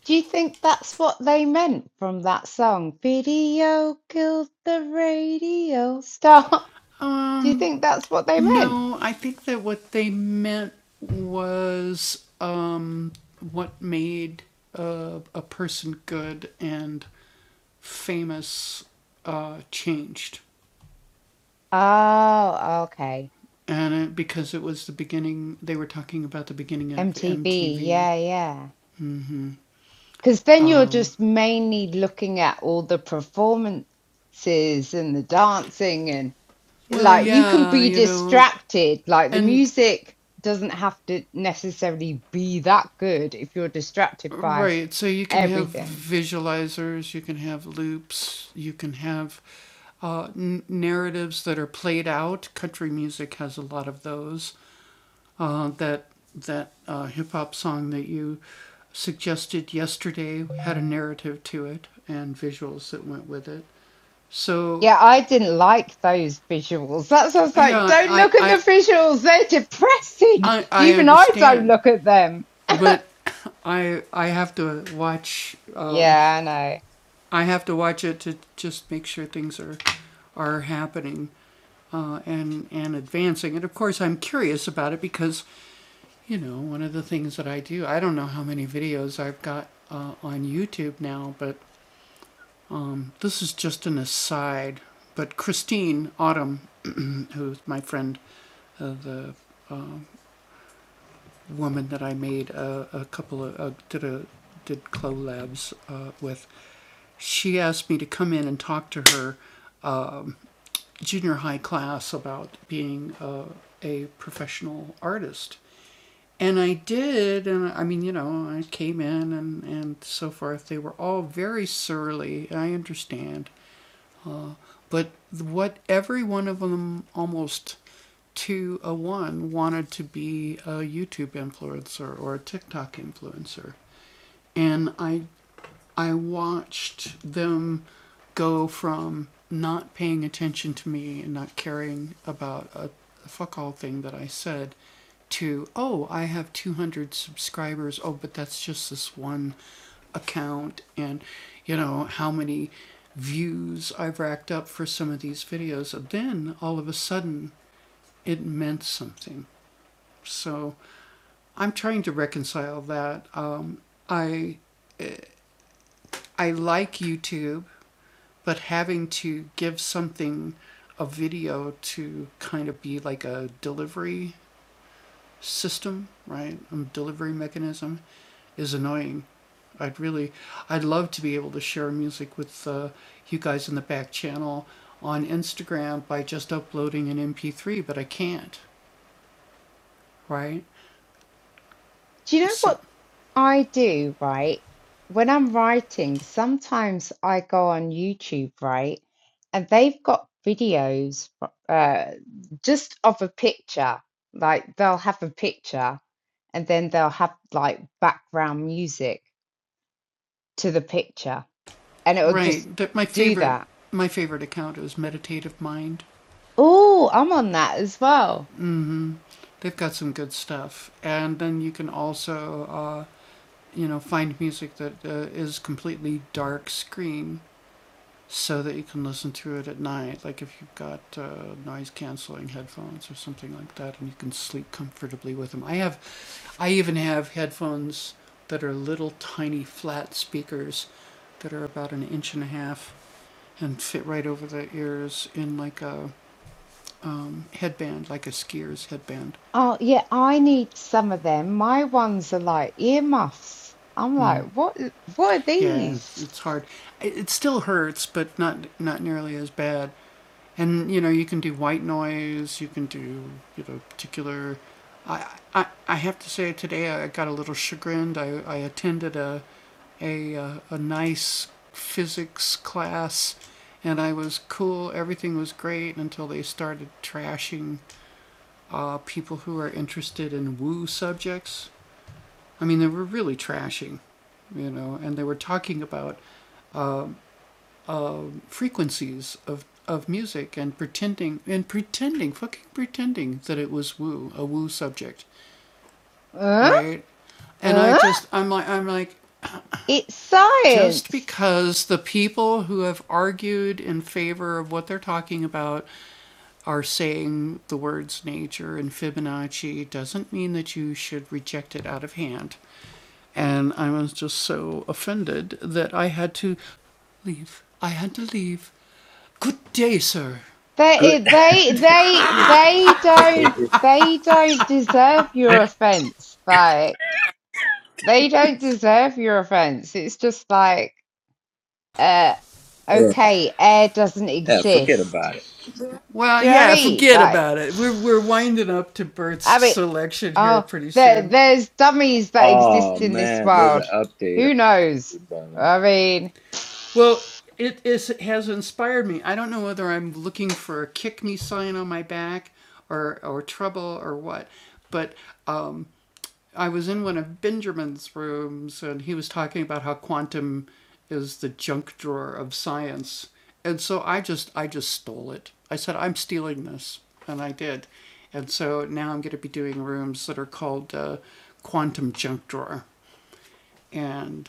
Do you think that's what they meant from that song? Video killed the radio star. [LAUGHS] Do you think that's what they meant? Oh, okay. MTV, yeah, yeah. Because then you're just mainly looking at all the performances and the dancing, and like you can be distracted. Like the music doesn't have to necessarily be that good if you're distracted by everything. Yeah, I didn't like those visuals. That's what I was like, don't look at the visuals, they're depressing. [LAUGHS] Even I don't look at them. Yeah, I know. Do you know what I do, right? When I'm writing, sometimes I go on YouTube, right? And they've got videos uh, just of a picture. Like they'll have a picture and then they'll have like background music to the picture and it'll just do that. Oh, I'm on that as well. Oh, yeah, I need some of them. My ones are like earmuffs. I'm like, what what are these? Uh, uh, it's science. Good. They, they, they, they [LAUGHS] don't, they don't deserve your Yeah. offense. Like they don't deserve your offense. It's just like, uh, okay, air doesn't Yeah, forget exist. about it. Do you know what I mean? Like, I mean, oh, there, there's dummies that Oh exist in this man, there's an world. update on Who knows? you, by the way. I mean,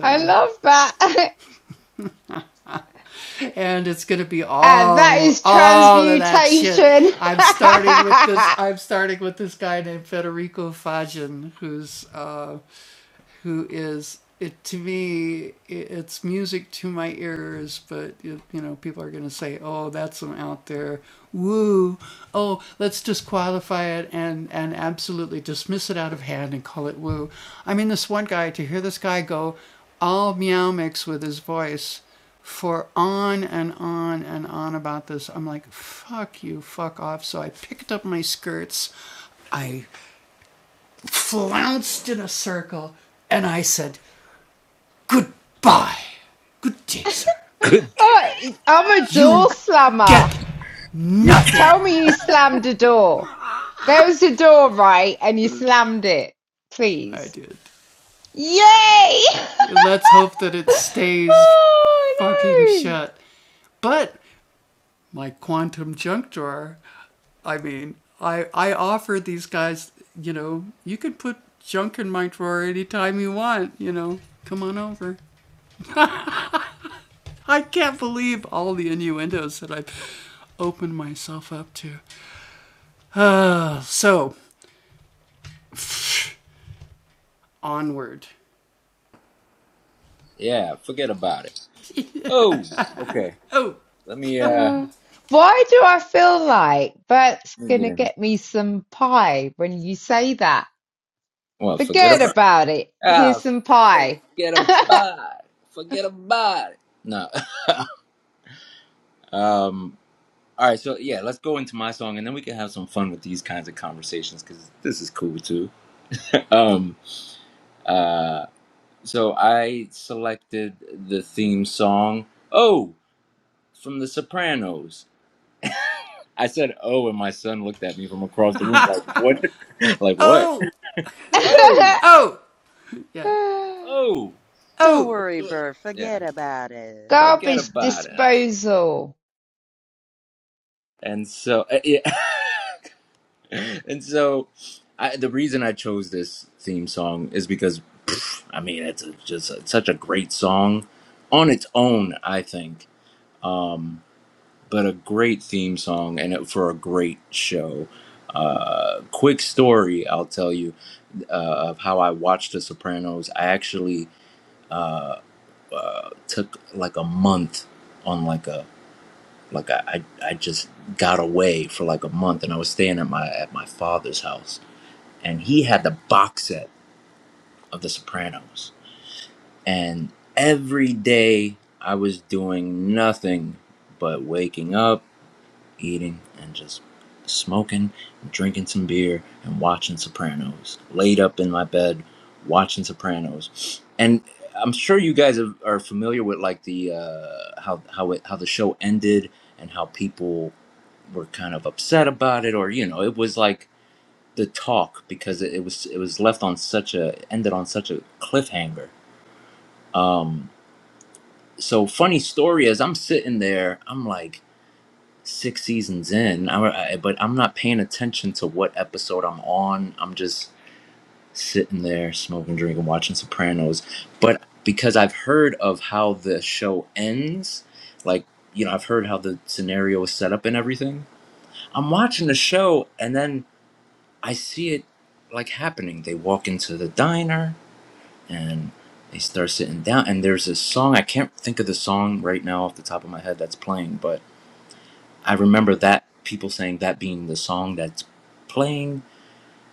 I love that. [LAUGHS] Ah, that is transmutation. [LAUGHS] Good. oh, I'm a door slammer. You. Uh, tell me you slammed a door. There was a door, right? And you slammed it. Please. Yay! [LAUGHS] oh, Yeah, forget about it. Oh, okay. Let me no. uh. Uh, Why do I feel like Bert's Let me going get to in here. get me some pie when you say that? Well, forget Forget about. about it. Here's Ah, some pie. forget about it. Forget about it. No. [LAUGHS] um. All right. So yeah, let's go into my song, and then we can have some fun with these kinds of conversations because this is cool too. [LAUGHS] um. Uh. So I selected the theme song. Oh, from The Sopranos I said, "Oh," and my son looked at me from across the room like, "What? [LAUGHS] like what? [LAUGHS] Oh, [LAUGHS] oh, Don't worry, Bert. yeah. Forget about it. [LAUGHS] Forget Garbage about it." disposal. And so, uh, yeah. [LAUGHS] and so, I, the reason I chose this theme song is because, pff, I mean, it's a, just a, such a great song on its own. I think. Um, but a great theme song and for a great show. Uh, quick story, I'll tell you, uh, of how I watched The Sopranos. I actually uh, uh, took like a month on like a like I, I I just got away for like a month, and I was staying at my at my father's house, and he had the box set of The Sopranos, and every day I was doing nothing but waking up eating and just smoking, drinking some beer, and watching Sopranos. Laid up in my bed, watching Sopranos, and I'm sure you guys are, are familiar with like the uh, how how it how the show ended and how people were kind of upset about it, or you know, it was like the talk because it, it was it was left on such a ended on such a cliffhanger. Um, so funny story as I'm sitting there, I'm like six seasons in, I, I, but I'm not paying attention to what episode I'm on. I'm just sitting there smoking, drinking, watching Sopranos. But because I've heard of how the show ends, like, you know, I've heard how the scenario is set up and everything. I'm watching the show and then I see it like happening. They walk into the diner and they start sitting down, and there's a song. I can't think of the song right now off the top of my head that's playing, but I remember that people saying that being the song that's playing.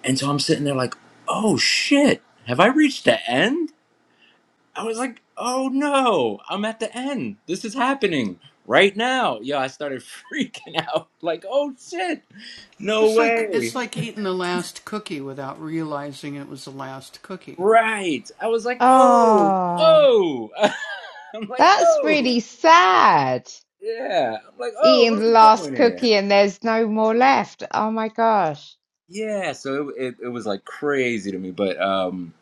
And so I'm sitting there like, oh shit, have I reached the end? I was like, oh no, I'm at the end. This is happening right now. Yo, I started [LAUGHS] freaking out like, oh shit, no way. Right. I was like, oh, Ah, oh. [LAUGHS] I'm like, that's oh, really sad. yeah. I'm like, oh, Eating the what are we doing last here? cookie and there's no more left. Oh my gosh. Yeah. So it, it, it was like crazy to me. But, um,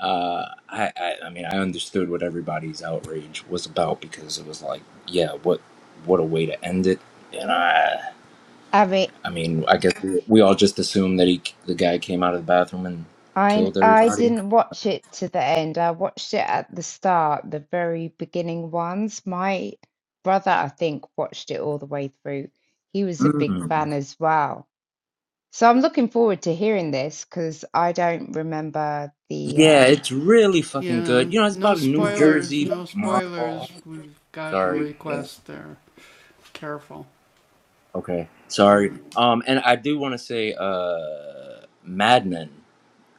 uh, I, I I mean I understood what everybody's outrage was about because it was like yeah what what a way to end it and I I mean, I mean I guess we, we all just assumed that he the guy came out of the bathroom and I killed I everybody. didn't watch it to the end. I watched it at the start, the very beginning ones. My brother, I think, watched it all the way through. He was a big Mm. fan as well. So I'm looking forward to hearing this because I don't remember the Yeah, um it's really fucking good. You know, it's about a New Jersey model. Sorry. Yeah. Okay. Sorry. Um, and I do want to say uh, Madman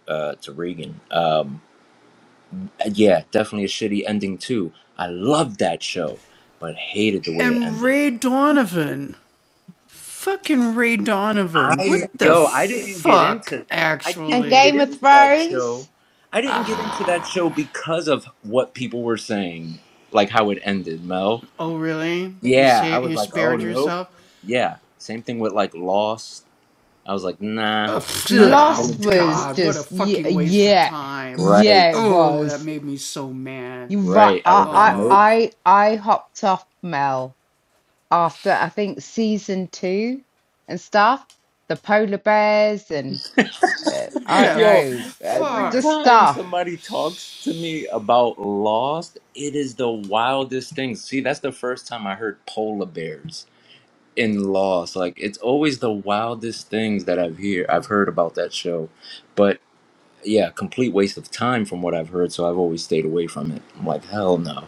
uh, to Regan. um. yeah, definitely a shitty ending too. I loved that show, but hated the way it ended. I yo, I didn't get into I and didn't get Game of into that Thrones. show. I didn't get into that show because of what people were saying, like how it ended, Mel. Yeah, I was like, oh no. Yeah, same thing with like Lost. I was like, nah, not even Lost gonna do. was just yeah, yeah, yeah. It Right, was. You right. right. I I was like, I nope. I I hopped off Mel after I think season two and stuff. The polar bears and uh, I [LAUGHS] don't Yo, know, uh, every just time stuff. somebody talks to me about Lost, it is the wildest thing. See, that's the first time I heard polar bears in Lost. Like, it's always the wildest things that I've hear I've heard about that show. But yeah, complete waste of time from what I've heard. So I've always stayed away from it. I'm like, hell no.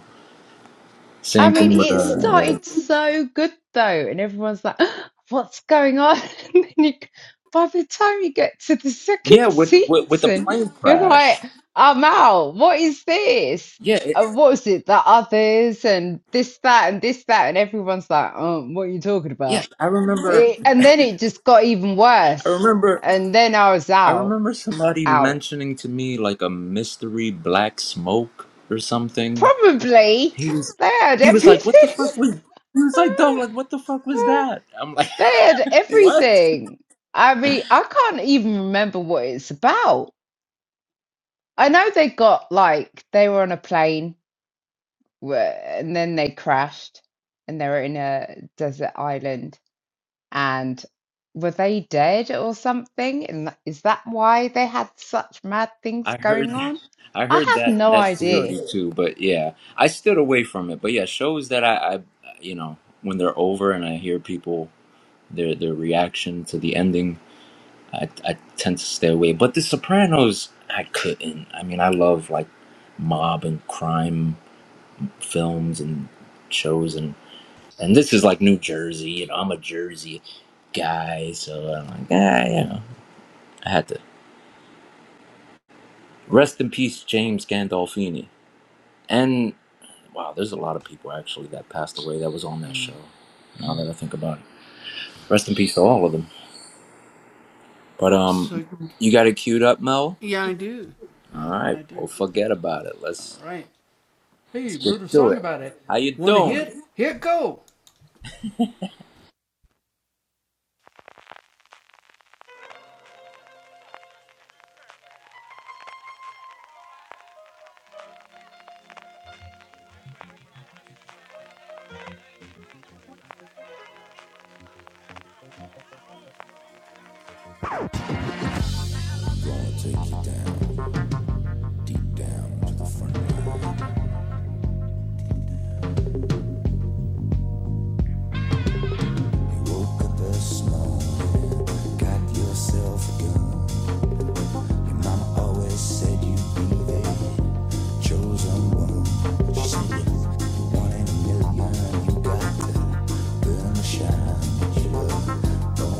I Same mean, thing with it uh, yeah, started so good though, and everyone's like, [GASPS] "What's going on?" [LAUGHS] And then you, by the time you get to the yeah, second with with, with the season, plane you're crash. like, "I'm out. What is this? Yeah, it, And what was it? The others and this, that, and this, that?" And everyone's like, "Um, what are you talking yeah. about?" I remember. It, and then it just got even I worse. remember And then I was I out, remember somebody out. mentioning to me like a mystery black smoke or something. Probably He was they had he was like, "What the everything. fuck was?" He was like, "Dog, like what the fuck was [LAUGHS] that?" I'm like, They had [LAUGHS] "What?" everything. I mean, I can't even remember what it's about. I know they got like they were on a plane wh- and then they crashed and they were in a desert island and were they dead or something? And tha- is that why they had such mad things I heard going that. on? I I heard have that no that idea. theory too, but yeah, I stood away from it. But yeah, shows that I, I you know, when they're over and I hear people their their reaction to the ending, I I tend to stay away. But The Sopranos, I couldn't. I mean, I love like mob and crime films and shows and and this is like New Jersey, you know, I'm a Jersey guy, so I'm like, ah, you know, I had to rest in peace, James Gandolfini. And wow, there's a lot of people actually that passed away that was on that show. Now that I think about it, rest in peace to all of them. But um, you got it queued up, Mel. All right, well, forget about it. Let's let's get to it. How you doing? take you down, deep down to the front line. You woke up this morning, got yourself a gun. Your mama always said you'd be the chosen one. She said you one in a million. You got the burn the shine you love. Don't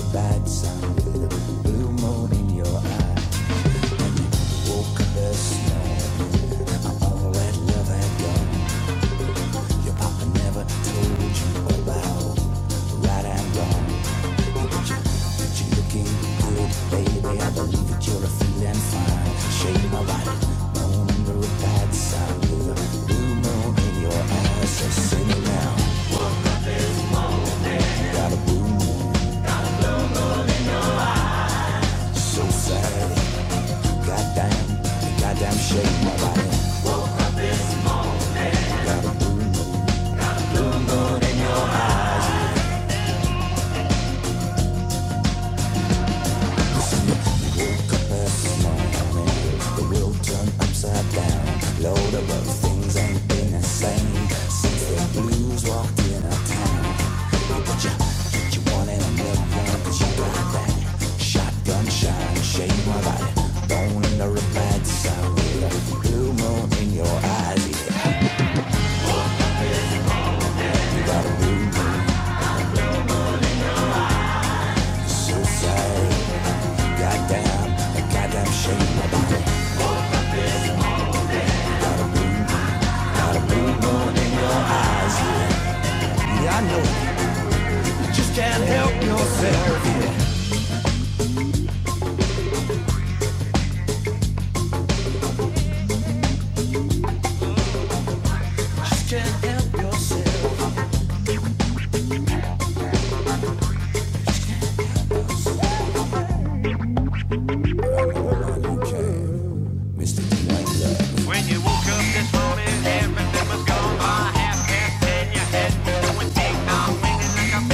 a bad sign with a blue moon in your eye. Woke this morning, all that love had gone. Your papa never told you about right and wrong. But you, you looking good, baby. I believe that you're feeling fine. Shade my light, moon under a bad sign blue moon in your eyes. So sing it now. Got a blue moon, so sad. Goddamn, goddamn shade my body. Load of those things ain't been the same since the blues walked in our town. But you, you wanted a million, cause you Got that shotgun shine, shade my body, bone in the red side with a Blue moon in your eyes, yeah. You got a blue moon. So sorry, goddamn, a goddamn shame about it. Blue moon in your eyes, yeah I know. You just can't help yourself, yeah. you Just can't help yourself. But I know why you came, Mr. Dwayne Love. It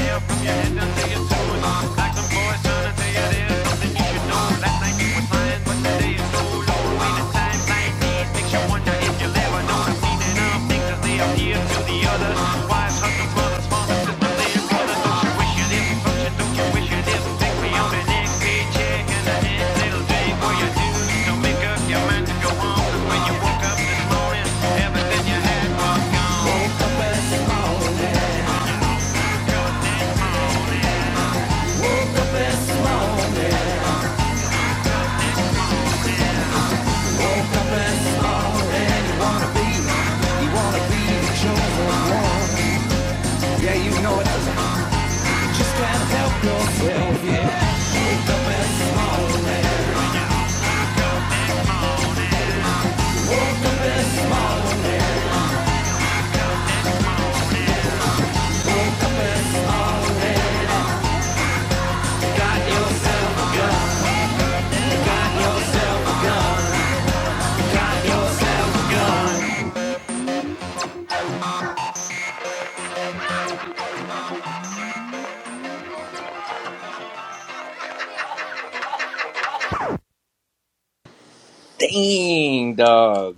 Dang, dog.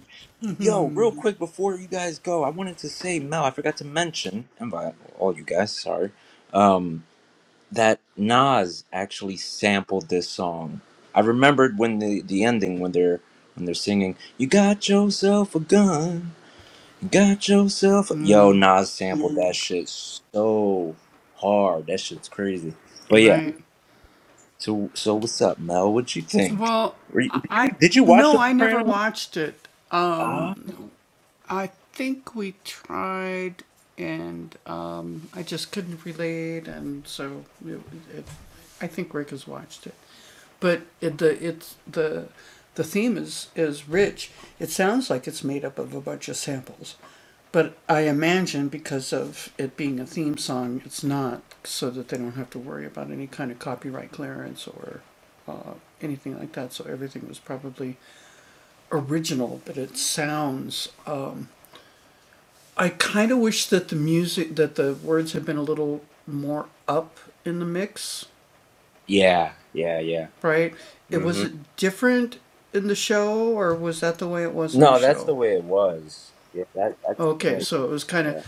Yo, real quick before you guys go, I wanted to say, Mel, I forgot to mention, and by all you guys, sorry, um, that Nas actually sampled this song. I remembered when the, the ending when they're when they're singing, "You got yourself a gun, you got yourself." A... Yo, Nas sampled that shit so hard. That shit's crazy. But yeah, so so what's up, Mel? What you think? Were you, did you did you watch The Sopranos? Yeah, yeah, yeah. hmm No, that's the way it was. Yeah, that that's the mix. Yeah,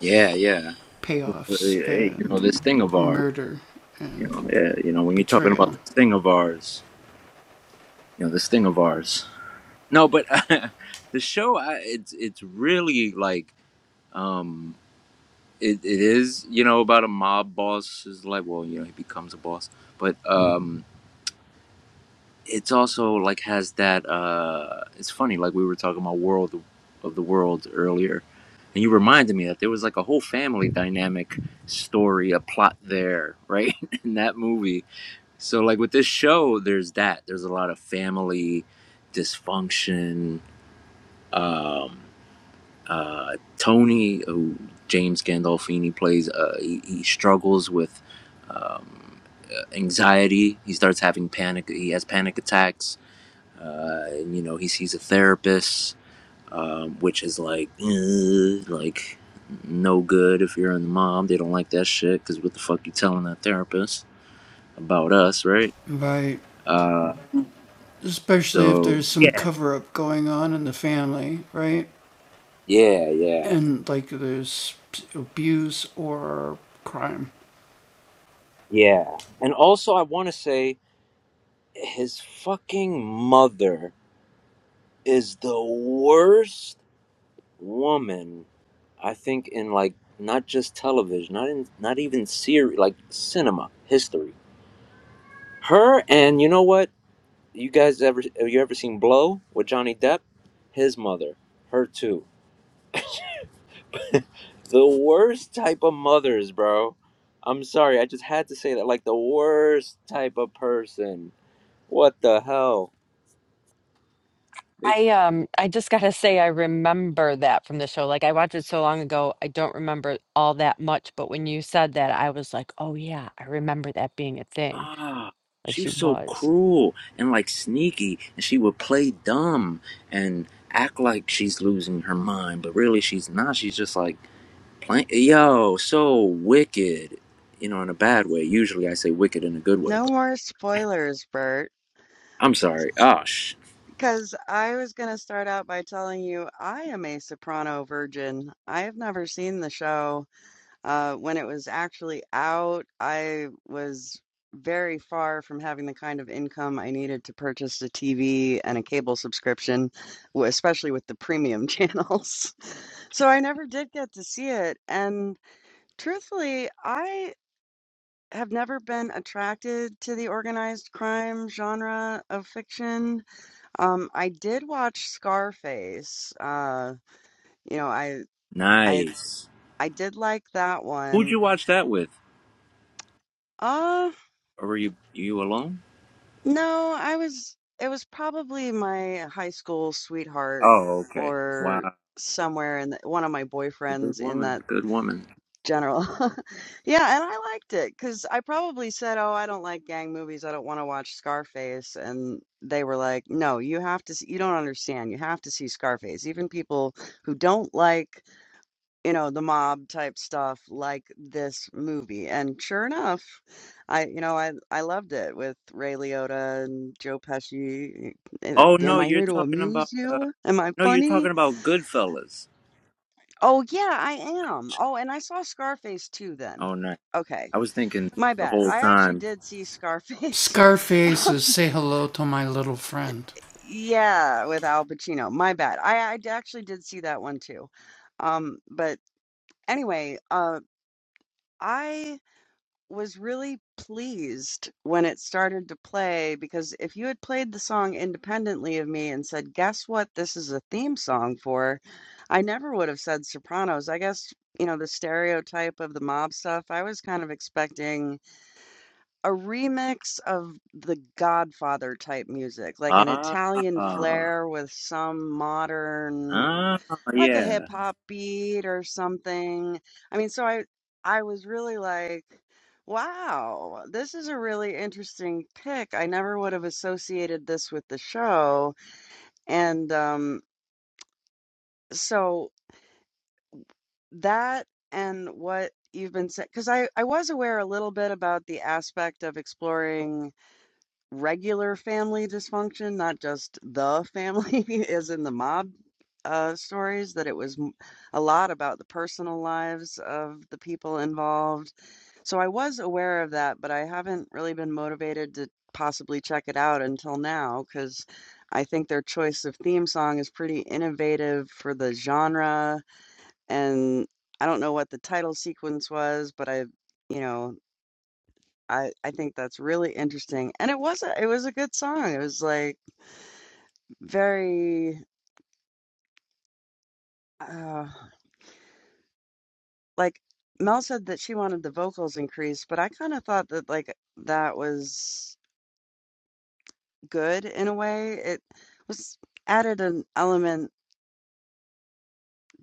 yeah, yeah. Hey, you know this thing of ours. You know, yeah, you know when you're talking about this thing of ours. You know this thing of ours. No, but [LAUGHS] the show, I, it's it's really like um, it it is. You know about a mob boss is like well, you know he becomes a boss, but um. it's also like has that uh it's funny like we were talking about world of the world earlier and you reminded me that there was like a whole family dynamic story a plot there right [LAUGHS] in that movie so like with this show there's that there's a lot of family dysfunction um uh tony who james gandolfini plays uh he, he struggles with um anxiety he starts having panic he has panic attacks uh, and, you know, he sees a therapist, um, which is like, like no good if you're a mom. They don't like that shit because what the fuck you telling that therapist about us, right? Uh, so yeah, yeah, yeah, yeah. And also, I want to say his fucking mother is the worst woman. I think in like not just television, not in not even series, like cinema history Her and you know what? You guys ever have you ever seen Blow with Johnny Depp? His mother, her too. [LAUGHS] The worst type of mothers, bro. I'm sorry, I just had to say that. Like the worst type of person. What the hell? They, I um I just gotta say I remember that from the show. Like I watched it so long ago, I don't remember all that much, but when you said that, I was like, "Oh yeah, I remember that being a thing." ah, Like she she was so was. cruel and like sneaky, and she would play dumb and act like she's losing her mind, but really she's not. She's just like Plain, yo, so wicked. You know, in a bad way. Usually I say wicked in a good way, No but more spoilers, Bert, I'm sorry. Oh, sh- because I was going to start out by telling you I am a soprano virgin. I have never seen the show. Uh, when it was actually out, I was very far from having the kind of income I needed to purchase a TV and a cable subscription, w- especially with the premium [LAUGHS] channels. So I never did get to see it. And truthfully, I have never been attracted to the organized crime genre of fiction. Um, I did watch Scarface. Uh, you know, I I nice. I did like that Who'd one. you watch that with? Uh, Or were you you alone? No, I was it was probably my high school sweetheart Oh, okay. or Wow, somewhere in the, one of my the good boyfriends in woman, that good woman. general. [LAUGHS] Yeah, and I liked it because I probably said, "Oh, I don't like gang movies. I don't want to watch Scarface." And they were like, "No, you have to see, you don't understand. You have to see Scarface." Even people who don't like you know the mob type stuff like this movie and sure enough i you know i i loved it with ray liotta and joe pesci And, uh, Oh am no, i you're here to talking amuse about. Uh, you am i no, you're funny talking about Goodfellas. oh yeah i am oh and i saw scarface too then Oh, no, okay I was thinking my the bad whole i actually time. did see scarface [LAUGHS] Um, yeah with al pacino my bad i i d- actually did see that one too um but anyway uh i was really pleased when it started to play because if you had played the song independently of me and said, "Guess what? This is a theme song for," I never would have said Sopranos. I guess, you know, the stereotype of the mob stuff, I was kind of expecting a remix of the Godfather type music, like an Ah, Italian ah, flair with some modern like a hip yeah. hop beat or something. I mean, so I I was really like, wow, this is a really interesting pick. I never would have associated this with the show. And um so that and what you've been saying, because I I was aware a little bit about the aspect of exploring regular family dysfunction, not just the family, [LAUGHS] as in the mob uh, stories, that it was m- a lot about the personal lives of the people involved. So I was aware of that, but I haven't really been motivated to possibly check it out until now because I think their choice of theme song is pretty innovative for the genre. And I don't know what the title sequence was, but I, you know. I I think that's really interesting, and it was a it was a good song. It was, like, very, uh like, Mel said that she wanted the vocals increased, but I kinda thought that, like, that was good in a way. It was added an element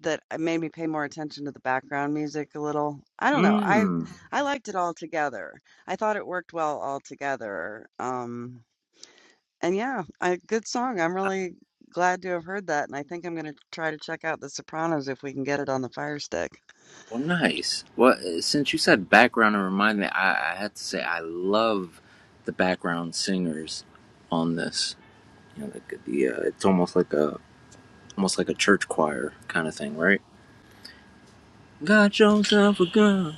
that, uh, made me pay more attention to the background music a little. I don't know, I Hmm. I liked it all together. I thought it worked well all together, um And yeah, a good song. I'm really glad to have heard that, and I think I'm gonna try to check out The Sopranos if we can get it on the Fire Stick. Well, nice. Well, uh, since you said background, it reminded me. I, I had to say I love the background singers on this. You know, like the uh, it's almost like a almost like a church choir kind of thing, right? Got yourself a gun,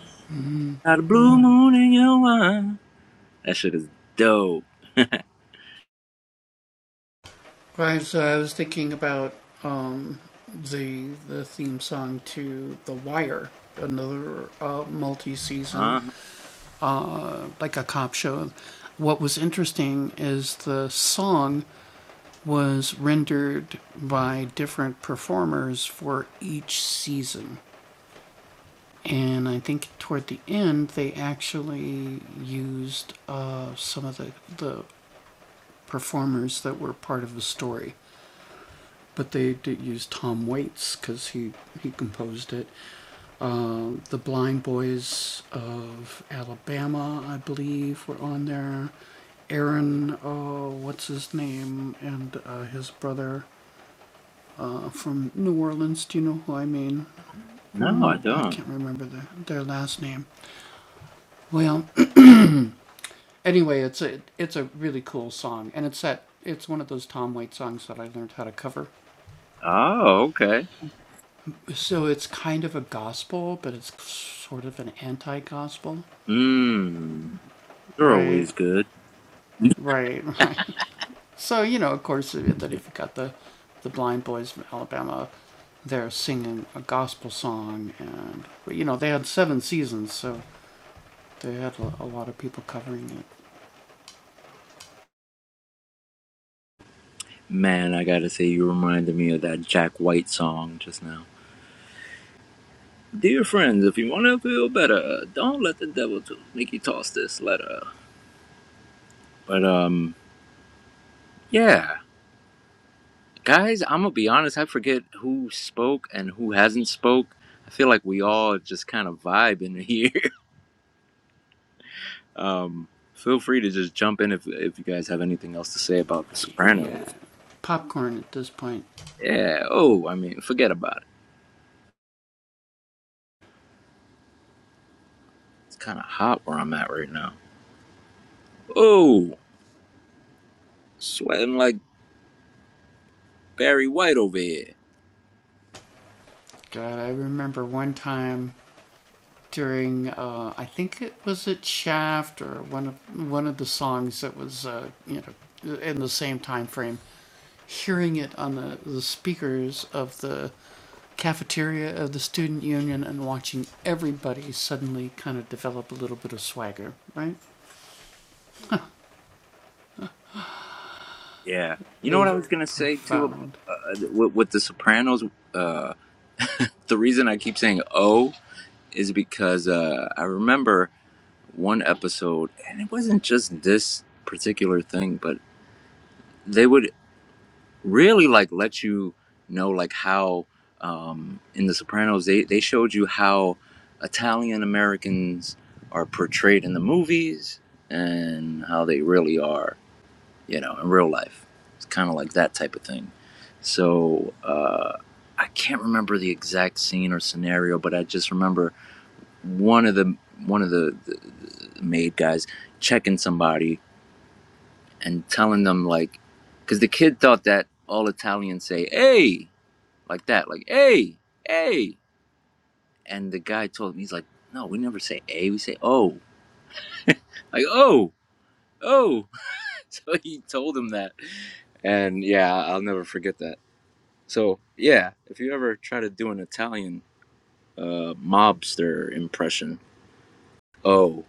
got a blue moon in your wine. That shit is dope. Huh? No, I don't. Oh, okay. Mmm. They're always good. Man, I gotta say, you reminded me of that Jack White song just now. Dear friends, if you want to feel better, don't let the devil to make you toss this letter. But um, yeah, guys, I'm gonna be honest. I forget who spoke and who hasn't spoke. I feel like we all just kind of vibe in here. [LAUGHS] Um, feel free to just jump in if if you guys have anything else to say about The Sopranos. Yeah. Oh, I mean, forget about it. It's kind of hot where I'm at right now. Oh, sweating like Barry White over here. Yeah. You know what I was gonna say too about uh, with, with the Sopranos. Uh, the reason I keep saying "oh" is because uh, I remember one episode, and it wasn't just this particular thing, but they would really like let you know like how um, in the Sopranos they they showed you how Italian Americans are portrayed in the movies and how they really are you know, in real life. It's kind of like that type of thing. So uh, I can't remember the exact scene or scenario, but I just remember one of the one of the, the, the maid guys checking somebody and telling them like, because the kid thought that all Italians say "hey" like that, like "hey, hey," and the guy told him he's like, "No, we never say "a," we say "oh," like "oh." Oh, [LAUGHS] so he told him that, and yeah, I'll never forget that. So yeah, if you ever try to do an Italian uh, mobster impression, oh,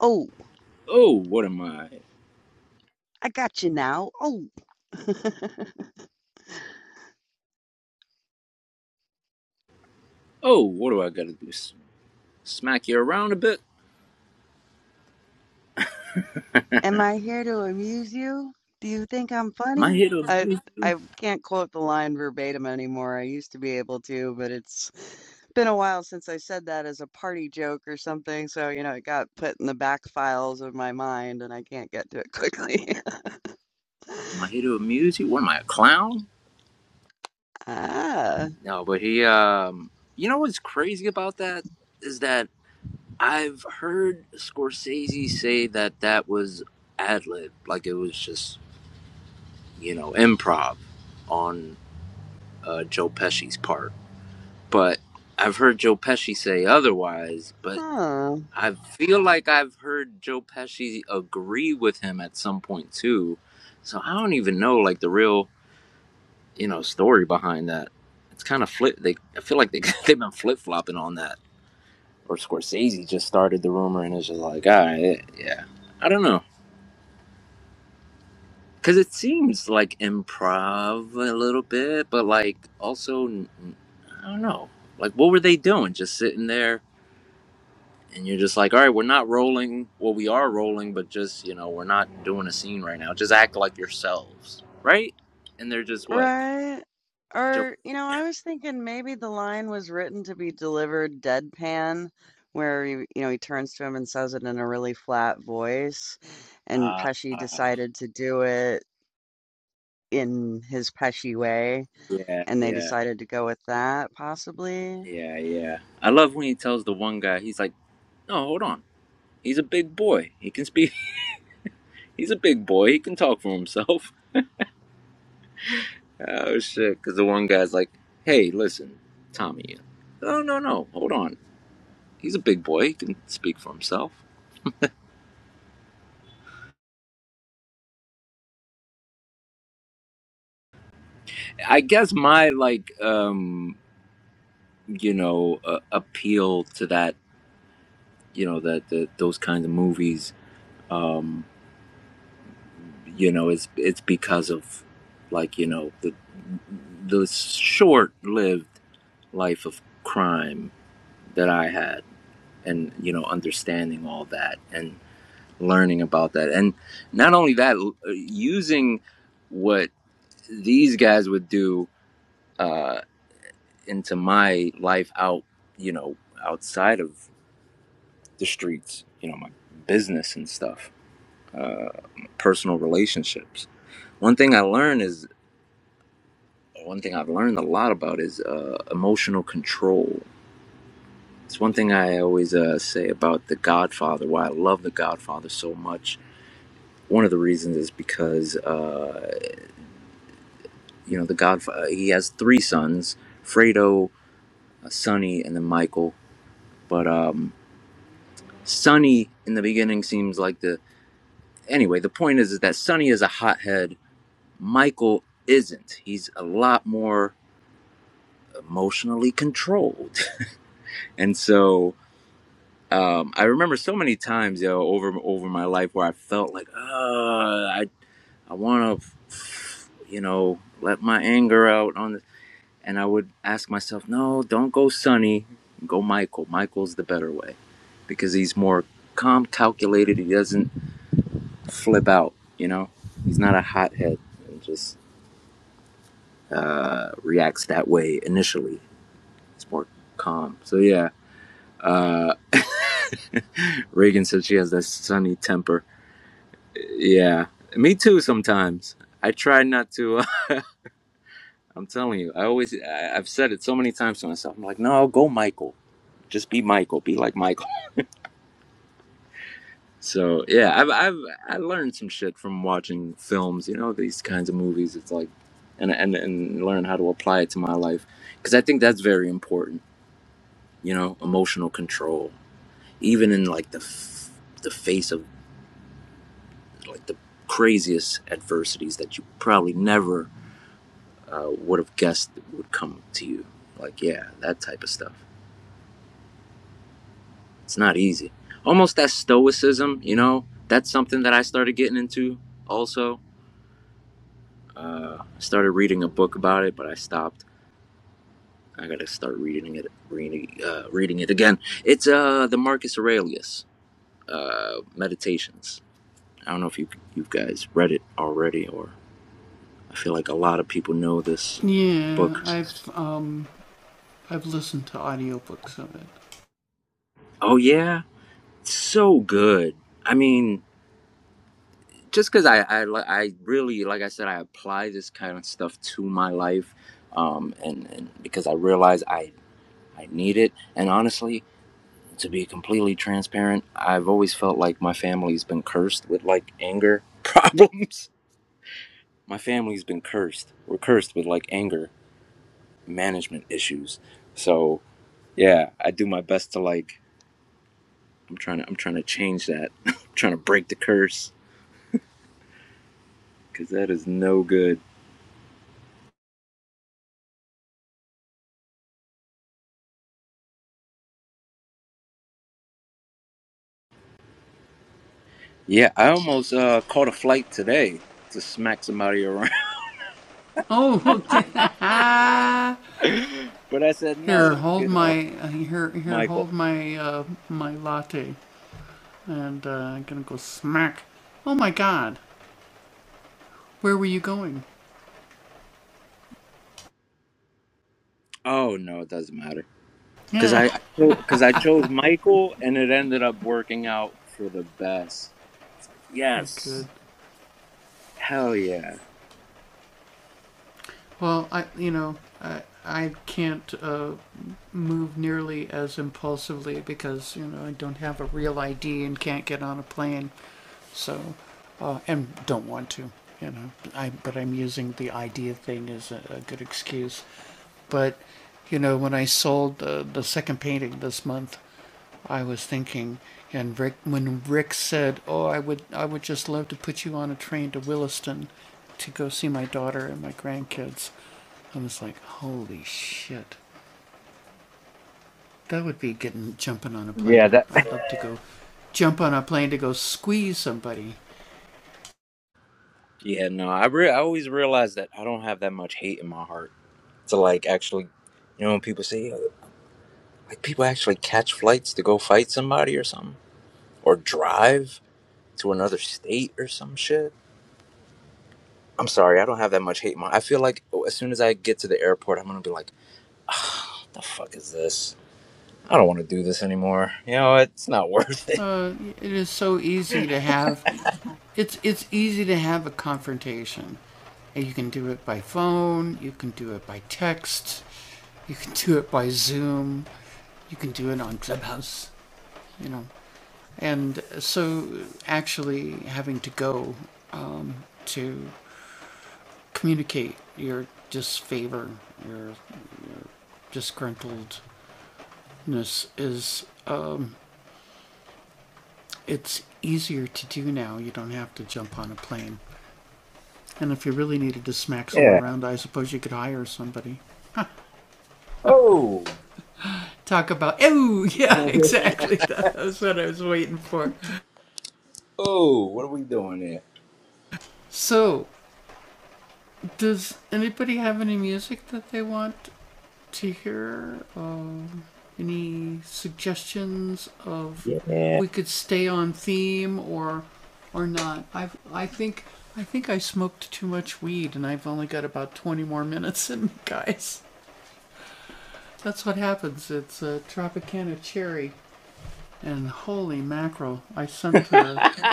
Oh, oh, what am I? I got you now. Oh, [LAUGHS] Oh, what do I got to do? S- Smack you around a bit? am I here to amuse you? Do you think I'm Am I funny? here to I amuse you? I can't quote the line verbatim anymore. I used to be able to, but it's been a while since I said that as a party joke or something. So, you know, it got put in the back files of my mind and I can't get to it quickly. [LAUGHS] Am I here to amuse you? What am I, a clown? Ah, No, but he, um, you know what's crazy about that is that I've heard Scorsese say that that was ad lib, like it was just you know improv on uh, Joe Pesci's part but I've heard Joe Pesci say otherwise. But huh. I feel like I've heard Joe Pesci agree with him at some point too. So I don't even know like the real you know story behind that. It's kind of flip. They I feel like they [LAUGHS] they've been flip flopping on that. Or Scorsese just started the rumor and it's just like, all right, yeah. I don't know. Because it seems like improv a little bit, but like also, I don't know. Like, what were they doing? Just sitting there and you're just like, all right, we're not rolling. Well, we are rolling, but just you know, we're not doing a scene right now. Just act like yourselves, right? And they're just what? Right? Joke. Or, you know, I was thinking maybe the line was written to be delivered deadpan, where he, you know, he turns to him and says it in a really flat voice, and Ah, Pesci decided to do it in his Pesci way, yeah, and they yeah, decided to go with that, possibly. yeah, yeah. I love when he tells the one guy, he's like, no, hold on. He's a big boy. He can speak. [LAUGHS] He's a big boy. He can talk for himself. [LAUGHS] Oh shit! Because the one guy's like, hey, listen, Tommy. Oh no, no, hold on. He's a big boy. He can speak for himself. I guess my like um you know uh, appeal to that you know that that those kinds of movies um you know it's it's because of like you know the the short-lived life of crime that I had and you know understanding all that and learning about that and not only that l- uh, using what these guys would do uh into my life out you know outside of the streets you know my business and stuff uh, personal relationships. One thing I learned is one thing I've learned a lot about is uh, emotional control. It's one thing I always uh, say about The Godfather. Why I love The Godfather so much. One of the reasons is because uh, you know The Godfather. He has three sons: Fredo, uh, Sonny, and then Michael. But um, Sonny in the beginning seems like the anyway. The point is, is that Sonny is a hothead. Michael isn't. He's a lot more emotionally controlled. And so um, I remember so many times, yo, over over my life where I felt like, uh, I I want to, you know, let my anger out on this. And I would ask myself, no, don't go Sonny, go Michael. Michael's the better way because he's more calm, calculated. He doesn't flip out, you know. He's not a hothead and just uh, reacts that way initially. It's more calm. So yeah, uh, Reagan said she has that sunny temper. Yeah, me too. Sometimes I try not to. Uh, [LAUGHS] I'm telling you, I always I, I've said it so many times to myself. I'm like, no, go Michael. Just be Michael. Be like Michael. So yeah, I've I've I learned some shit from watching films. You know these kinds of movies. It's like, and and and learn how to apply it to my life because I think that's very important. You know, emotional control, even in like the f- the face of like the craziest adversities that you probably never uh, would have guessed would come to you. Like, yeah, that type of stuff. It's not easy. Almost that stoicism, you know, that's something that I started getting into also. Uh, I started reading a book about it, but I stopped. I gotta start reading it, reading, uh, reading it again. It's uh, the Marcus Aurelius uh, Meditations. I don't know if you you guys read it already, or I feel like a lot of people know this book. Oh yeah, it's so good. I mean, just because I, I I really like I said I apply this kind of stuff to my life, um, and, and because I realize I I need it. And honestly, to be completely transparent, I've always felt like my family's been cursed with like anger problems. [LAUGHS] My family's been cursed. We're cursed with like anger management issues. So yeah, I do my best to like I'm trying to I'm trying to change that. [LAUGHS] I'm trying to break the curse because that is no good. Yeah, I almost uh, caught a flight today to smack somebody around, [LAUGHS] but I said no. You know, Michael. Oh no, it doesn't matter because I because I chose Michael and it ended up working out for the best. Yes, hell yeah, Yeah, that [LAUGHS] yeah. No, I re- I always realize that I don't have that much hate in my heart to like actually, you know, when people say uh, like people actually catch flights to go fight somebody or something or drive to another state or some shit. I'm sorry, I don't have that much hate. My, I feel like oh, as soon as I get to the airport, I'm gonna be like, "What the fuck is this? I don't want to do this anymore. You know, it's not [LAUGHS] worth it." Yeah. Oh. [LAUGHS] oh, what are we doing here? Yeah.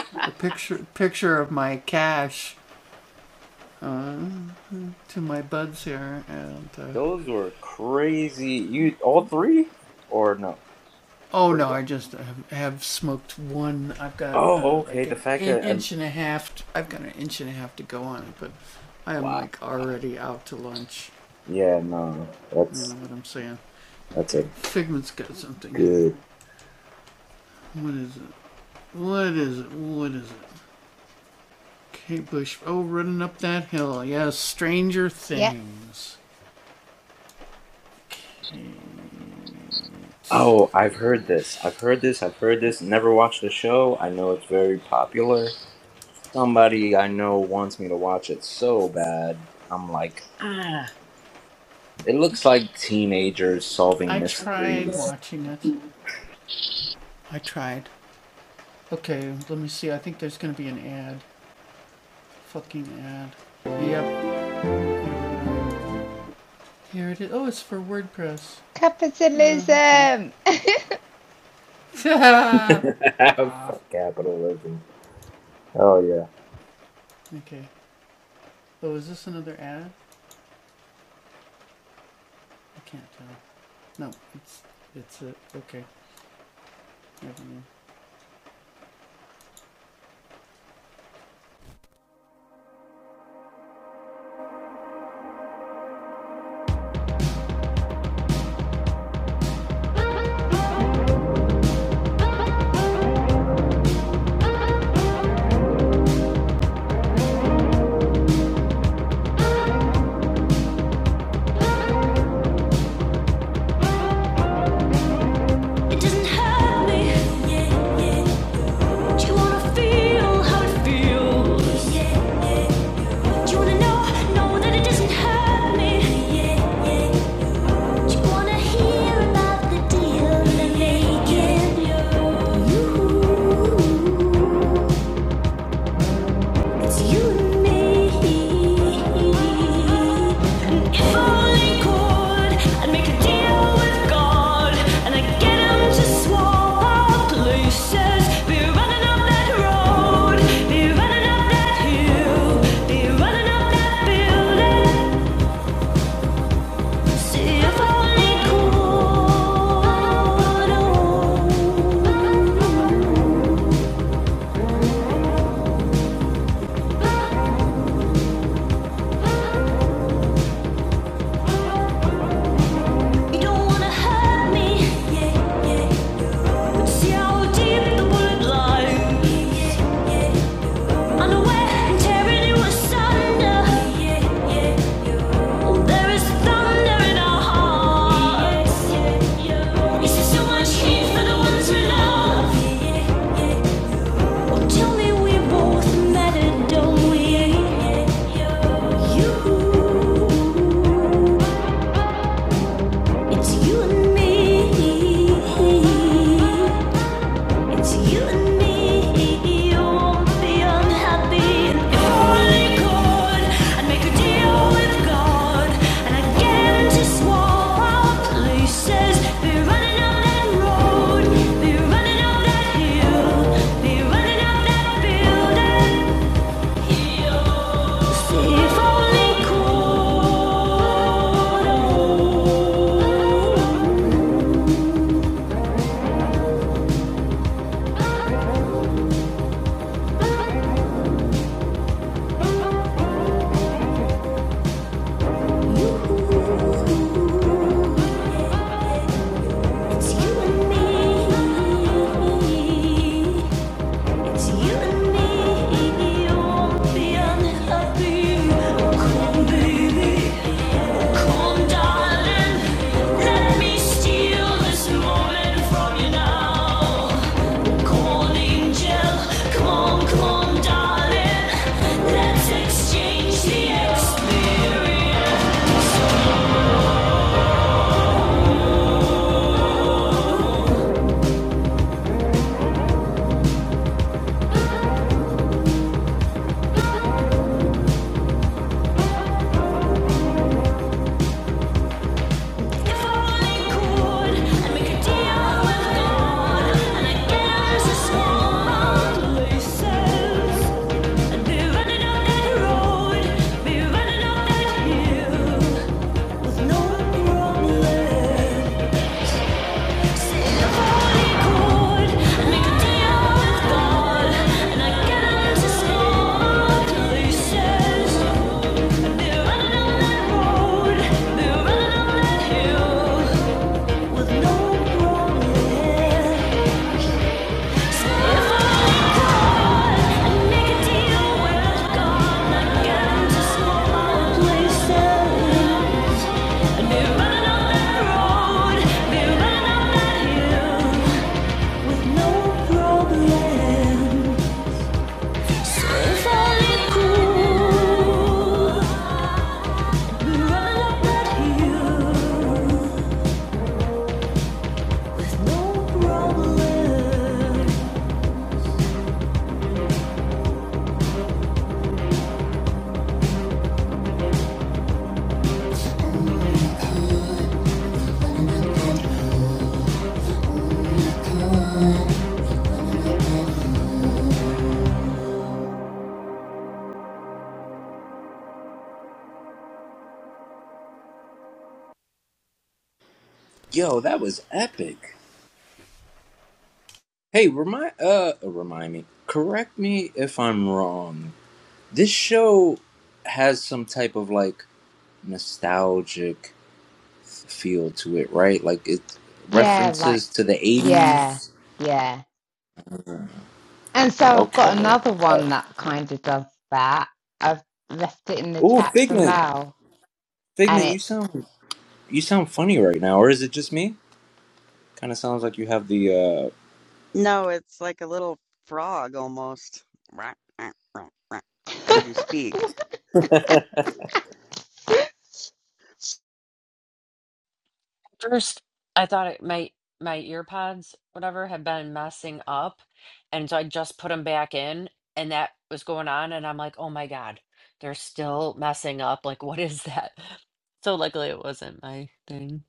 [LAUGHS] Those were crazy. You all three or no? Where you at? Oh, okay. The fact that I'm wow. Yeah, no, that's that's a good. Yeah, Oh, I've heard this. I've heard this. I've heard this. Never watched the show. I know it's very popular. Somebody I know wants me to watch it so bad. I'm like, ah. It looks like teenagers solving mysteries. [LAUGHS] Fuck capitalism. [LAUGHS] capitalism. Oh yeah. doesn't hurt me, yeah, yeah. Do you wanna feel how it feels? Do you wanna know, know that it doesn't hurt me? Do you wanna hear about the deal they're making? It's you and me. An if-only chord. I'd make a deal with God, and I'd get him to swap our places. Be running up that road, be running up that hill, be running up that building. See if only could. Oh. Tell me we both matter, don't we? You. It's you and me. It's you and me. You won't be unhappy. if only could, I'd make a deal with God. And I'd get to swap out places. Be running up that road. Be running up that hill. Be running up that building. if only could. It's you and me. It's you and me. Come baby. Come darling. Let me steal this moment from you now. Come angel. Come come on, darling. Let's exchange the experience. Running up that hill No problem. Yo, that was epic. Hey, remind uh remind me. Correct me if I'm wrong. This show has some type of like nostalgic feel to it, right? Like it Yeah, like references to the yeah, eighties. yeah. And so I've got Okay. another one that kind of does that. I've left it in the Oh, chat for Figment, Mel, Figment, and you sound you sound funny right now, or is it just me? Kind of sounds like you have the No, it's like a little frog almost, [LAUGHS] it. as you [LAUGHS] speak. uh, First, I thought it my my ear pods, whatever, had been messing up, and so I just put them back in, and that was going on, and I'm like, oh my God, they're still messing up. Like, what is that? [LAUGHS] So luckily, it wasn't my thing.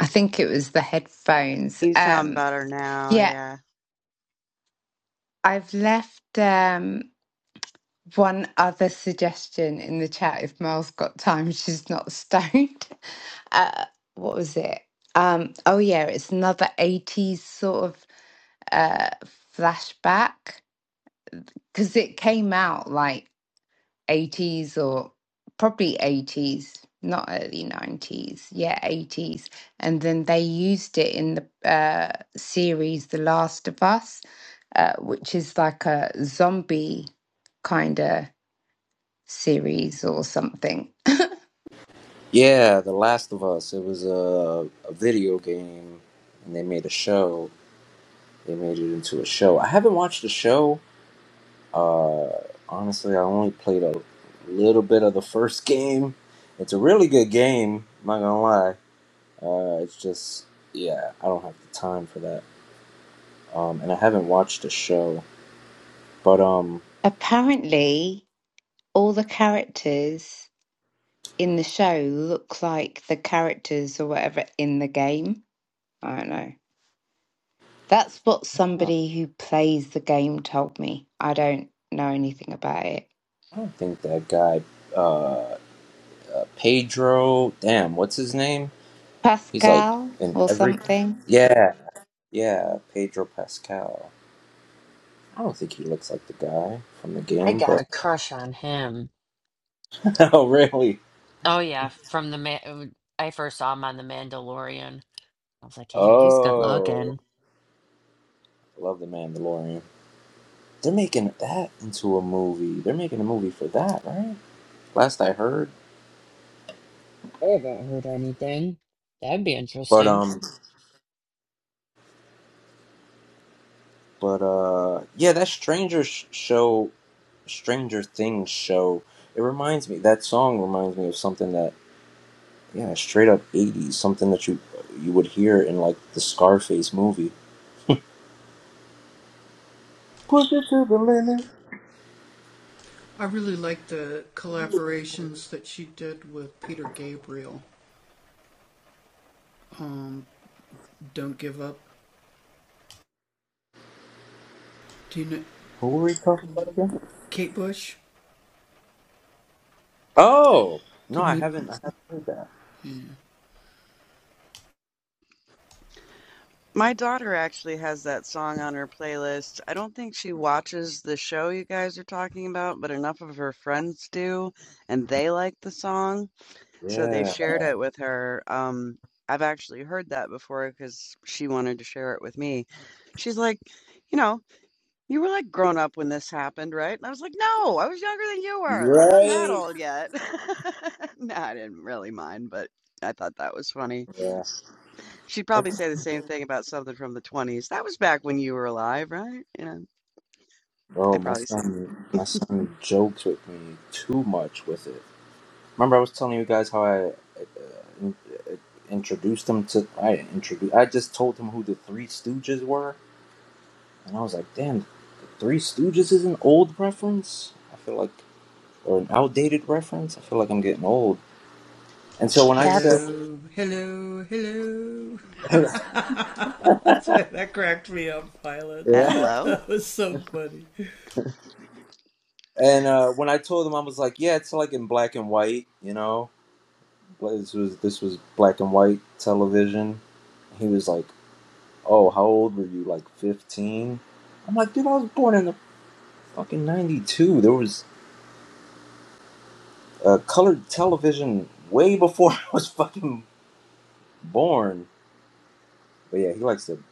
I think it was the headphones. You sound Um, better now, yeah, yeah. I've left um, one other suggestion in the chat. If Mel's got time, [LAUGHS] she's not stoned. [LAUGHS] Uh, what was it? Um, oh yeah, it's another '80s sort of uh, flashback because it came out like 80s or probably 80s, not early 90s, yeah, 80s. And then they used it in the uh, series The Last of Us, uh, which is like a zombie kind of series or something. [LAUGHS] yeah, The Last of Us. It was a a video game, and they made a show. They made it into a show. I haven't watched the show. Uh, honestly, I only played a little bit of the first [LAUGHS] game. It's a really good game. I'm not gonna lie Uh, it's just yeah, I don't have the time for that. Um, and I haven't watched a show, but um, Apparently, all the characters in the show look like the characters or whatever in the game. I don't know. That's what huh, somebody who plays the game told me. I don't know anything about it. I don't think that guy, uh, uh, Pedro. Damn, what's his name? He's like Pascal in or everything. something? Yeah, yeah, Pedro Pascal. I don't think he looks like the guy from the I game, got but a crush on him. [LAUGHS] oh really? Oh yeah, from the man. I first saw him on The Mandalorian. I was like, yeah, he's good Oh, looking. I love the Mandalorian. They're making that into a movie. They're making a movie for that, right? Last I heard, I haven't heard anything. That'd be but interesting. um. But uh, yeah, that Stranger Show, Stranger Things show. It reminds me that song reminds me of something that yeah, straight up '80s, something that you you would hear in like the Scarface movie. Push it to the limit. What were we talking about again? Oh no, I haven't. I haven't heard that. My daughter actually has that song on her playlist. I don't think she watches the show you guys are talking about, but enough of her friends do, and they like the song, so they Yeah. shared it with her. Um, I've actually heard that before because she wanted to share it with me. She's like, you know, you were like grown up when this happened, right? And I was like, no, I was younger than you were. I wasn't that Right. old yet. [LAUGHS] no, I didn't really mind, but I thought that was funny. Yeah. She'd probably That's- say the same thing about something from the 20s. That was back when you were alive, right? You know, I oh, my probably see. son, my [LAUGHS] son jokes with me too much with it. Remember, I was telling you guys how I introduced him to I did introduce I just told him who the Three Stooges were, and I was like, damn, the Three Stooges is an old reference. I feel like or an outdated reference. I feel like I'm getting old. And so when I said That's [LAUGHS] yeah, Hello. and uh, when I told him I was like, yeah, it's like in black and white, you know, Like, this was this was black and white television. He was like, oh, how old were you? Like 15. I'm like, dude, I was born in the fucking 92. There was uh, colored television way before [LAUGHS] I was fucking born. But yeah, he likes to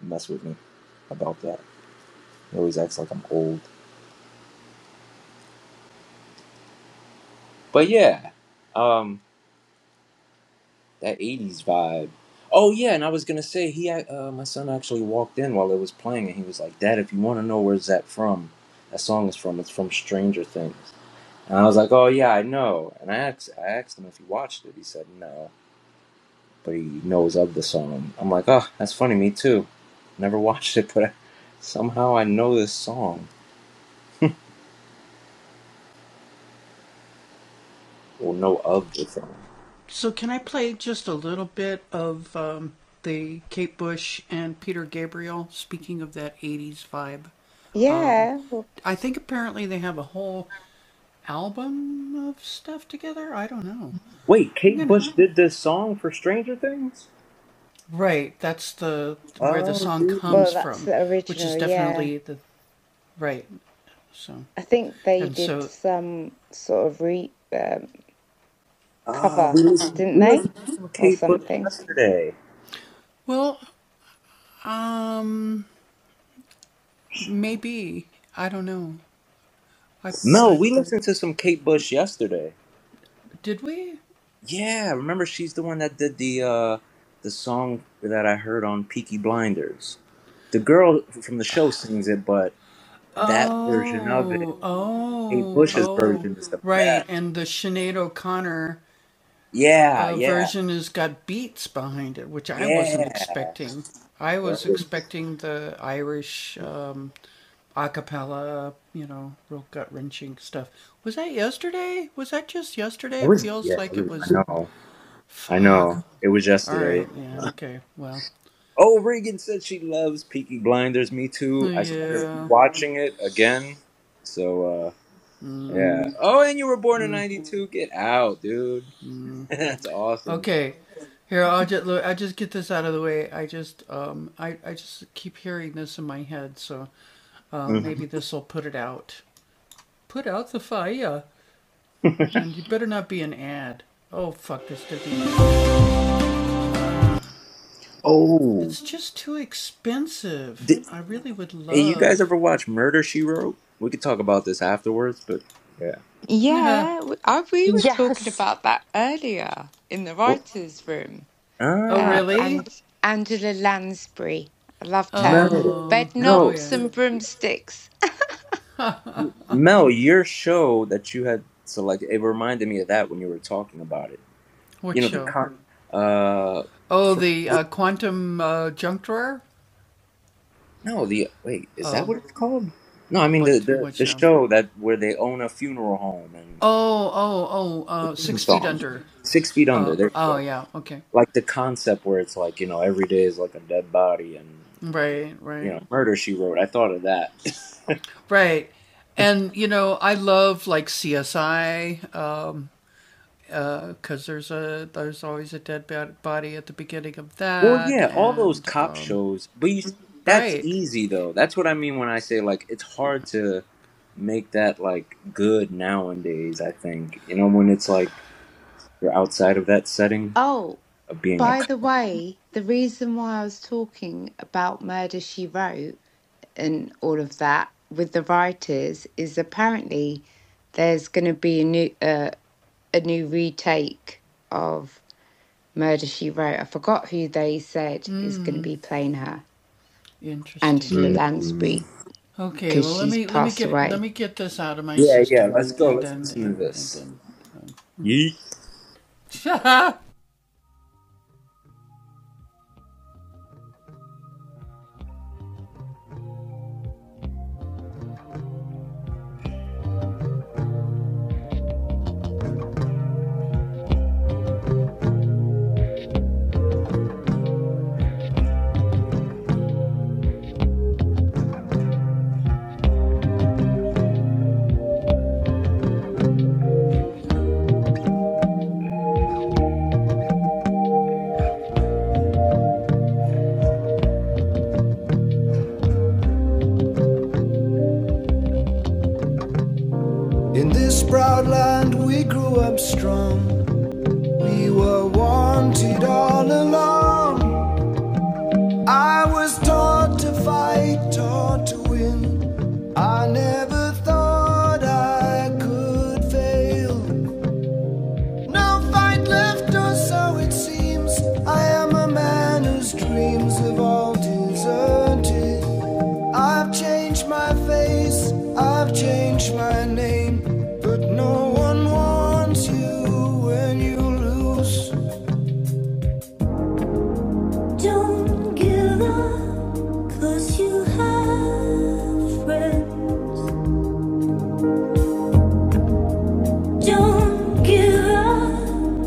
mess with me about that. He always acts like I'm old. But yeah, um, that '80s vibe. Oh yeah, and I was gonna say he, uh, my son actually walked in while it was playing, and he was like, "Dad, if you want to know where's that from, that song is from. It's from Stranger Things." And I was like, "Oh yeah, I know." And I asked, I asked him if he watched it. He said no. but he knows of the song. I'm like, oh, that's funny. Me too. Never [LAUGHS] watched it, but I, somehow I know this song or know of the song. Yeah. Well, Wait, Kate Bush did this song for Stranger Things? Oh, dude. well, that's the original, yeah. I think they did some sort of re um, Ah, cover, we listened, didn't we they? listened to some Or Kate Bush something. yesterday. No, we listened to some Kate Bush yesterday. Yeah, remember she's the one that did the uh the song that I heard on Peaky Blinders. The girl from the show sings it, but That version of it, Kate Bush's version, is the best. Yeah, yeah, yeah. Right. I was, yeah, I, was, I know, I know. It was yesterday. Oh, Reagan said she loves Peaky Blinders. Me too. I started watching it again. So, uh, yeah. Oh, and you were born in '92. Get out, dude. [LAUGHS] That's awesome. Mhm. Oh, did, hey, you guys ever watch Murder She Wrote? We could talk about this afterwards, but yeah. Yeah, w- I, we were talking yes. about that earlier in the What, writers' room. Ah, Uh, and Angela Lansbury, I loved her. Mel, Bed no, knobs and broomsticks. Mel, your show that you had selected, it reminded me of that when you were talking about it. You know, the con, uh, for, no, the, wait, is that what it's called? No, I mean the, the, the show that where they own a funeral home and sing song. Six Feet Under, there you go. Like the concept where it's like, you know, every day is like a dead body and, you know, murder she wrote. I thought of that. [LAUGHS] Well, yeah, all those cop shows, but you, that's easy though. That's what I mean when I say like it's hard to make that like good nowadays. I think you know when it's like you're outside of that setting Oh, of being a By cop. the way, the reason why I was talking about Murder She Wrote and all of that with the writers is apparently there's going to be a new uh, a new retake of Murder She Wrote. I forgot who they said is going to be playing her, Angela Mm. Lansbury, because she's passed away. Yeah, yeah. Let's go. Let's listen to this. Yeet. In this proud land we grew up strong. We were wanted all along. I was taught to fight, taught to win. I never thought I could fail. No fight left, or so it seems. I am a man whose dreams have all deserted. I've changed my name, but no. Don't lose. Don't give up.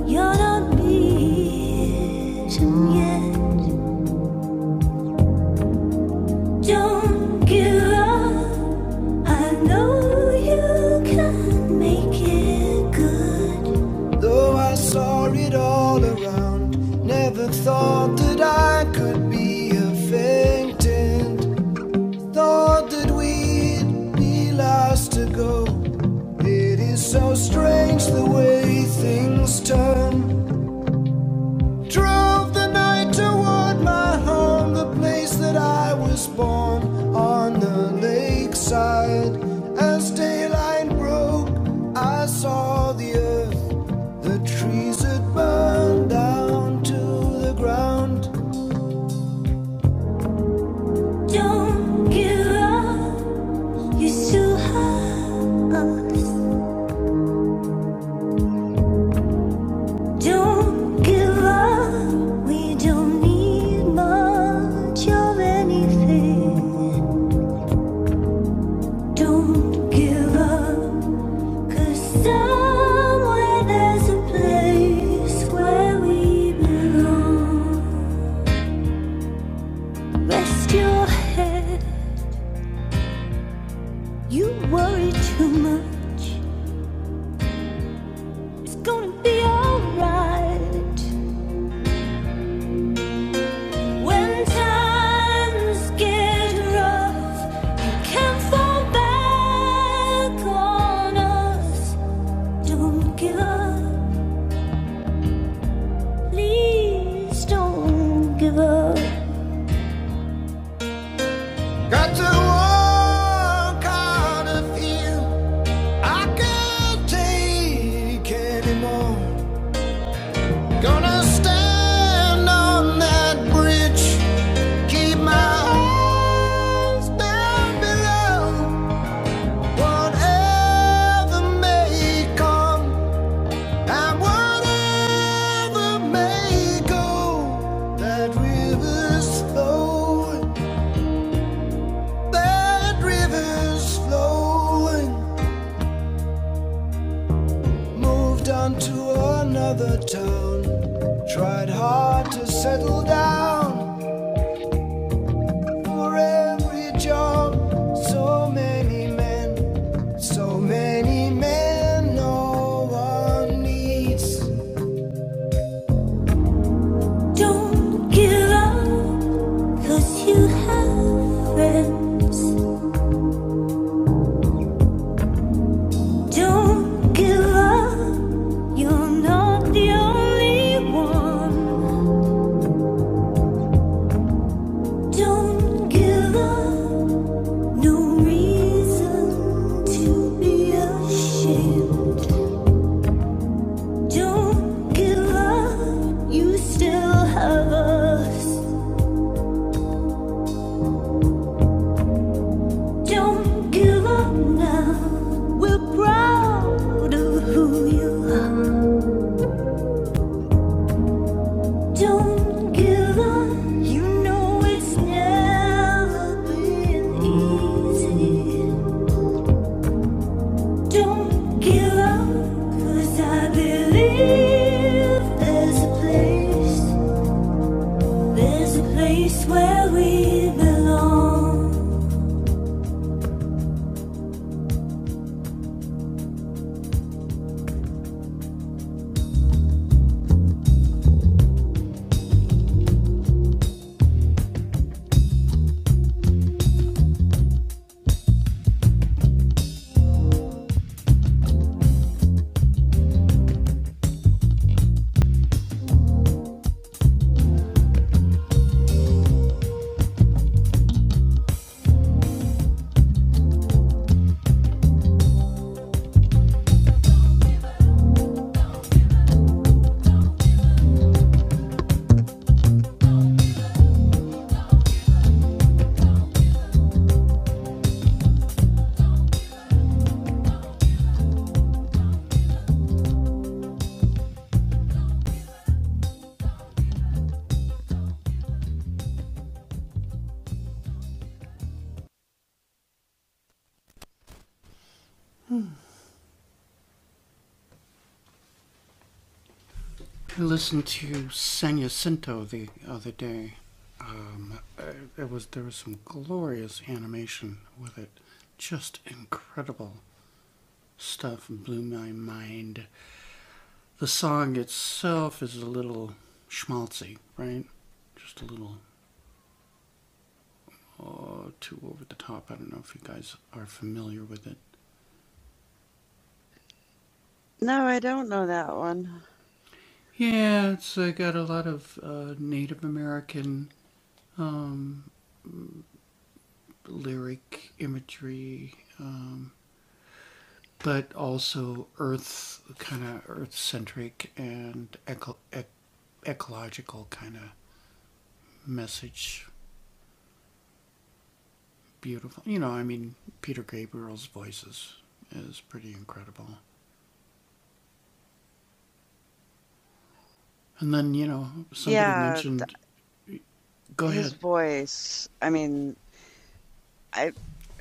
You're not beaten yet. Don't give up. I know you can make it good. Though I saw it all around, never thought that I could be a faintant. Thought that we'd be last to go. It is so strange the way things turn. Drove the night toward my home, the place that I was born on the lakeside. As daylight broke, I saw the earth, the trees had burned down to the ground. Don't give up, you still have Don't give up, we don't need much of anything. Don't give up. Cause somewhere there's a place where we belong. Rest your head, you worry too much. It's gonna be alright. When times get rough, you can fall back on us. Don't give up, please don't give up. Got to walk out of here. I can't take anymore. Gonna stand on that bridge. Keep my eyes down below. Whatever may come and whatever may go, that river's flowing. That river's flowing. Moved on to another town. Tried hard to settle down for every job. So many men, so many men, no one needs. Don't give up, cause you have friends. Don't give up, you're not the only one. Don't give up. No reason to be ashamed. Don't give up, you still have us. Don't give up now. We're proud of who you are. Don't give up, you know it's never been easy. Don't give up, I believe there's a place. There's a place where we belong. No, I don't know that one. Yeah, th his voice. I mean, I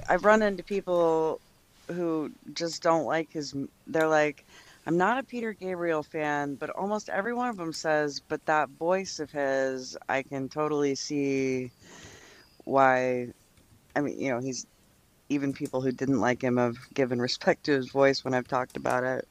I've run into people who just don't like his m they're like, "I'm not a Peter Gabriel fan," but almost every one of them says, "But that voice of his, I can totally see why" I mean, you know, he's even people who didn't like him have given respect to his voice when I've talked about it.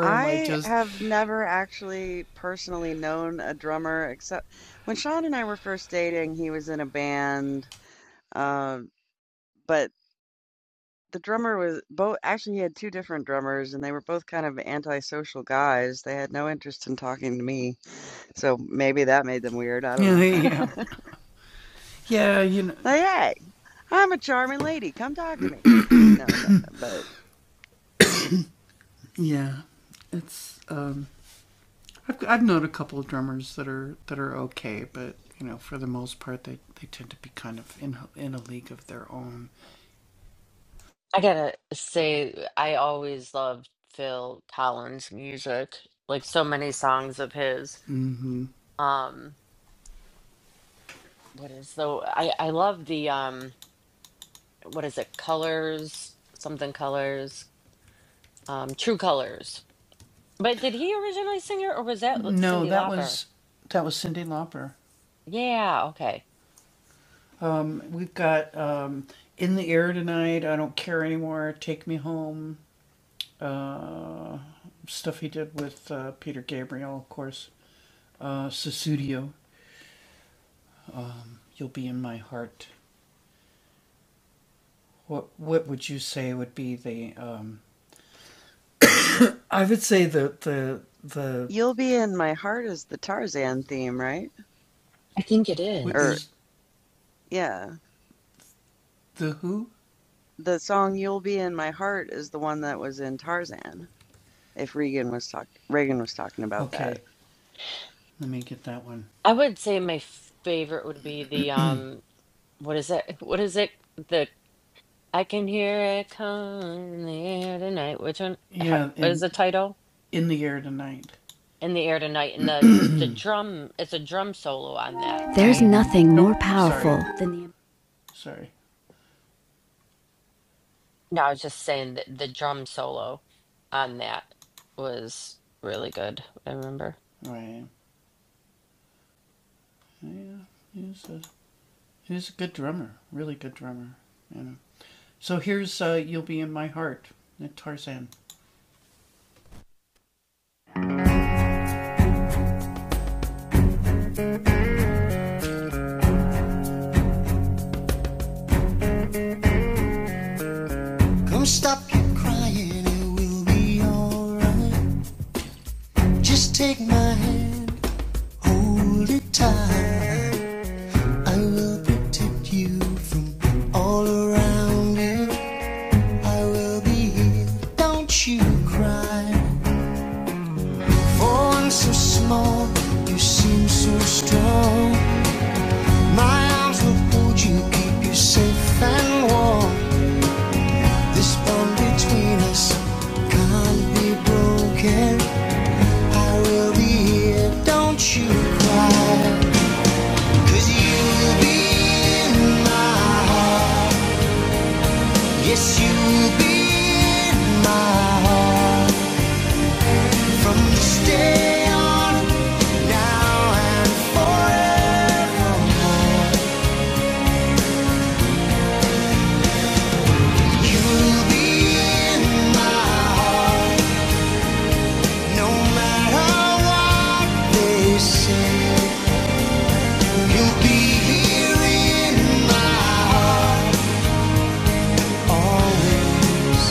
I have never actually personally known a drummer except when Sean and I were first dating, he was in a band, um, but the drummer was both actually he had two different drummers and they were both kind of antisocial guys. They had no interest in talking to me. So maybe that made them weird. I don't know. [LAUGHS] Like, hey, I'm a charming lady. Come talk to me. No, no, but I gotta say, I always loved Phil Collins' music, like so many songs of his. Um, what is the I I love the um what is it? Colors, something colors, um, True Colors. But did he originally sing it or was that L- Cyndi Lauper? Yeah, okay. You'll Be in My Heart is the Tarzan theme, right? I think it Or is. yeah, the song You'll Be in My Heart is the one that was in Tarzan. If Regan was talk Reagan was talking about that. I would say my favorite would be the um what is it? [LAUGHS] What is it? The I can hear it come in the air tonight. Which one? How, what is the title? In the air tonight. And the the drum. It's a drum solo on that, right? No, I was just saying that the drum solo on that was really good. I remember. Come stop your crying, it will be alright. Just take my hand, hold it tight. I will protect you from all around you. I will be here, don't you cry. For I'm so small, you seem so strong. My arms will hold you, keep you safe and warm. This bond between us can't be broken. I will be here, don't you cry? 'cause you will be in my heart. Yes, you will be in my heart. From this day on, now and forevermore. You will be in my heart, no matter what they say. You'll be here in my heart always.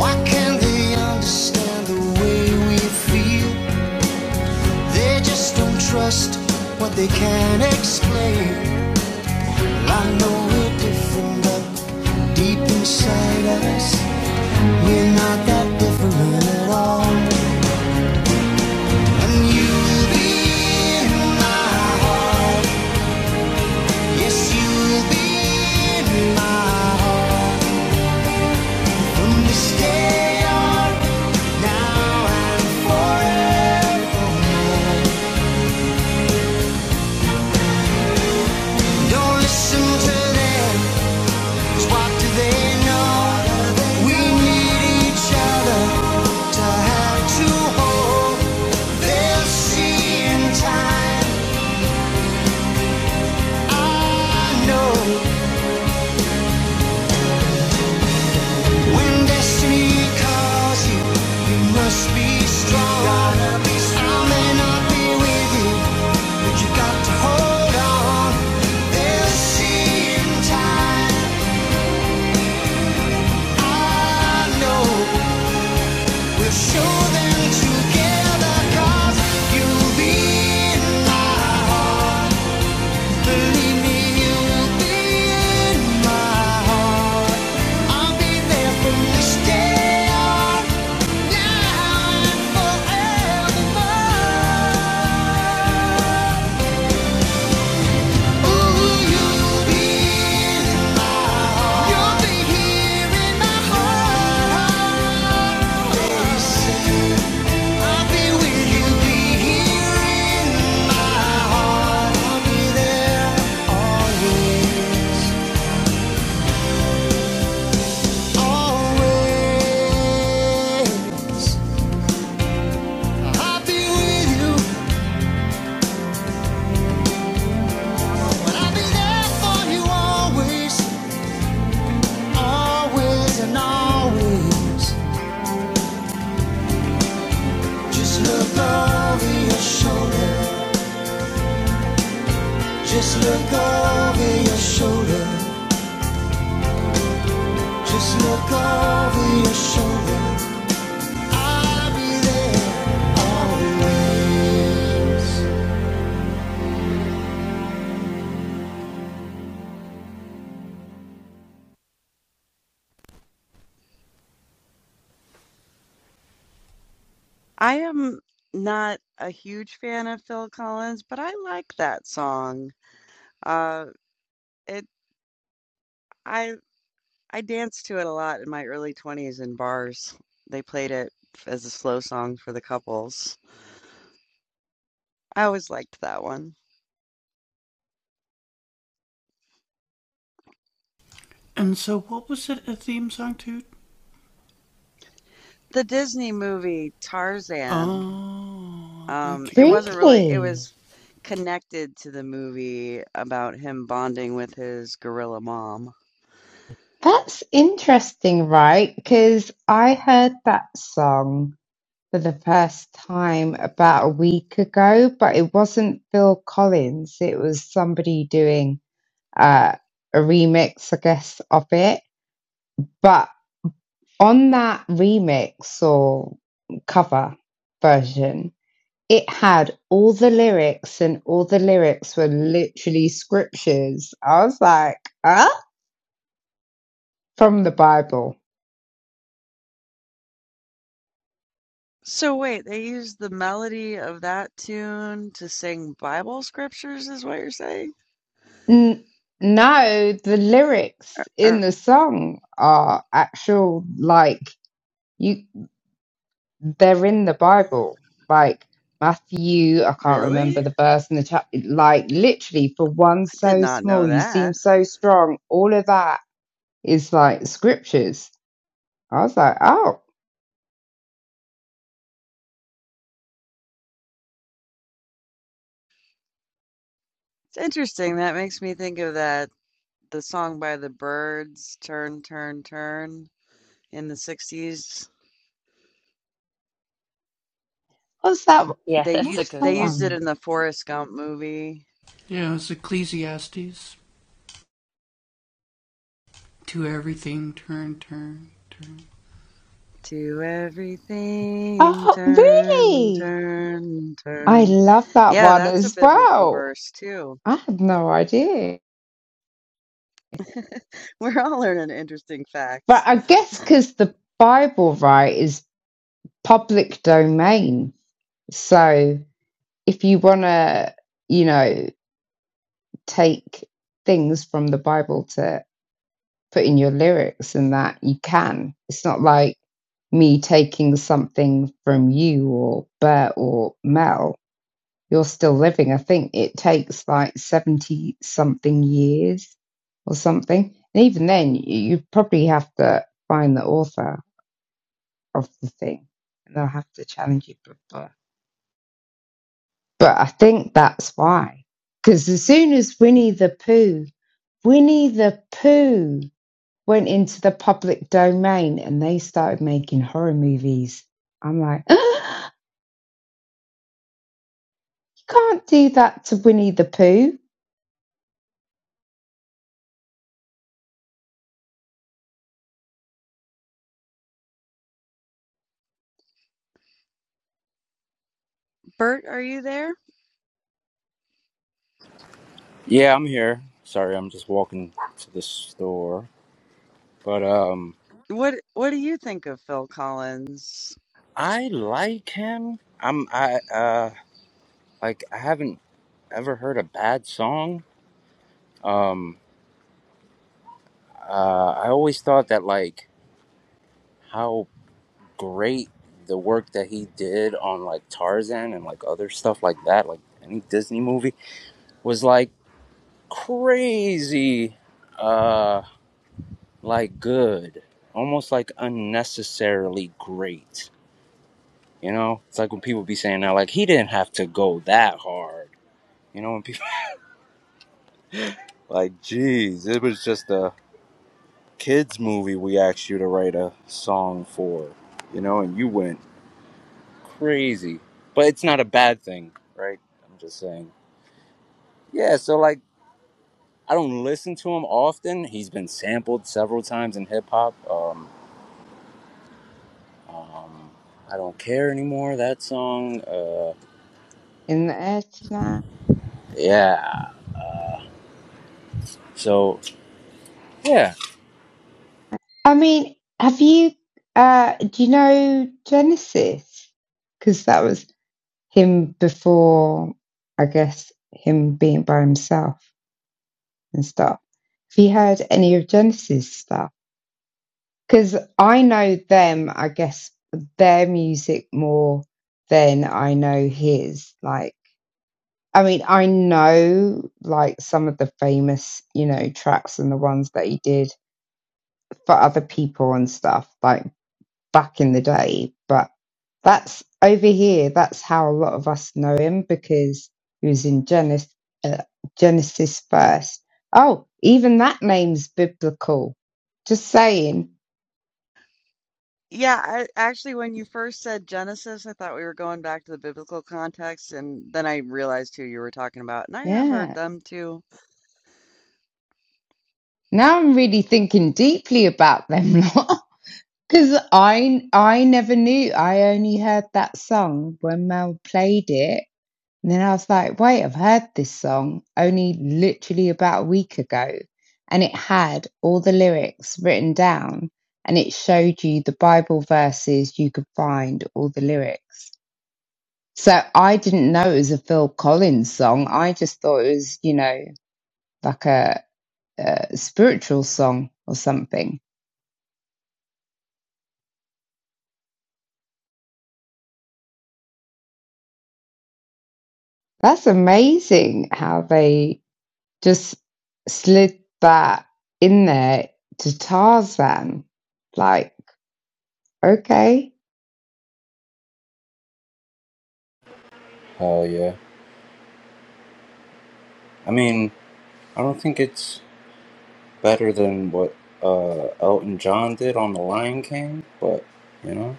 Why can't they understand the way we feel? They just don't trust what they can't explain. I know we're different, but deep inside us, we're not that different at all. And you'll be in my heart. Yes, you'll be in my heart. From this day on. now and forevermore. Don't listen to them, 'cause what do they know? We need each other to have to hold. They'll see in time, I know. When destiny calls you, you must be strong. I may not be with you, but you got to hold on. They'll see in time, no. You'll be here in my heart. Just look over your shoulder, just look over your shoulder. I am not a huge fan of Phil Collins, but I like that song. Uh, it I I danced to it a lot in my early 20s in bars. They played it as a slow song for the couples. I always liked that one. The Disney movie Tarzan, um, it wasn't really, it Really? was connected to the movie about him bonding with his gorilla mom. That's interesting, right? Because I heard that song. for the first time about a week ago, but it wasn't Phil Collins. It was somebody doing uh, a remix, I guess, of it. But on that remix or cover version, it had all the lyrics, and all the lyrics were literally scriptures. I was like, huh? From the Bible. So wait, they used the melody of that tune to sing Bible scriptures, is what you're saying? N- no, the lyrics in Or the song are actual, like, you they're in the Bible, like Matthew. I can't really? remember the I verse in the chapter. Like literally, for one did so not know small, you that. seem so strong. All of that is like scriptures. I was like, oh, It's interesting. That makes me think of that the song by the birds. "Turn, Turn, Turn," in the '60s. what's that? Yeah, [LAUGHS] They that's a used What's good that they used one. it one? in the Forrest Gump movie. To everything, Oh, turn, really? turn, I turn. love that Yeah, one that's a as biblical well. verse too. I had no idea. [LAUGHS] We're all learning interesting But facts. I guess because the Bible, right, is public domain. So if you want to, you know. take things from the Bible to put in your lyrics and that you can. It's not like me taking something from you or Bert or Mel. You're still living. I think it takes like 70 something years or something. And even then, you probably have to find the author of the thing and they'll have to challenge you. But I think that's why. Because as soon as Winnie the Pooh, Winnie the Pooh went into the public domain and they started making horror movies. I'm like, [GASPS] ah, you can't do that to Winnie the Pooh Bert, are you there? Yeah, I'm here. Sorry, I'm just walking to the store. But um What What do you think of Phil Collins? I like him. I'm I uh like I haven't ever heard a bad song. Um uh, I always thought that like how great the work that he did on like Tarzan and like other stuff like that, like any Disney movie, was like crazy, uh, like good, almost like unnecessarily great. You know, it's like when people be saying now, like he didn't have to go that hard. You know, when people [LAUGHS] like, geez, it was just a kids movie we asked you to write a song for. You know, and you went crazy. But it's not a bad thing, right? I'm just saying. Yeah, so like I don't listen to him often. He's been sampled several times in hip hop. Um, um, I don't care anymore. That song. Uh, in the air tonight. yeah. So yeah. I mean, have you, uh, do you know Genesis? Because that was him before, I guess, him being by himself and stuff. Have you heard any of Genesis stuff? Because I know them, I guess, their music more than I know his. Like, I mean, I know like some of the famous, you know, tracks and the ones that he did for other people and stuff, like back in the day, but that's over here, that's how a lot of us know him because he was in Genesis, uh, Genesis first. Oh, even that name's biblical. Just saying. Yeah, I, actually, when you first said Genesis, I thought we were going back to the biblical context, and then I realized who you were talking about, and I have heard Yeah. them too. Now I'm really thinking deeply about them [LAUGHS] lot. 'Cause I I never knew. I only heard that song when Mel played it, and then I was like, "Wait, I've heard this song only literally about a week ago." And it had all the lyrics written down, and it showed you the Bible verses you could find all the lyrics. So I didn't know it was a Phil Collins song. I just thought it was, you know, like a, a spiritual song or something. That's amazing how they just slid that in there to Tarzan. Like, okay, Hell yeah. I mean, I don't think it's better than what uh, Elton John did on The Lion King, but you know,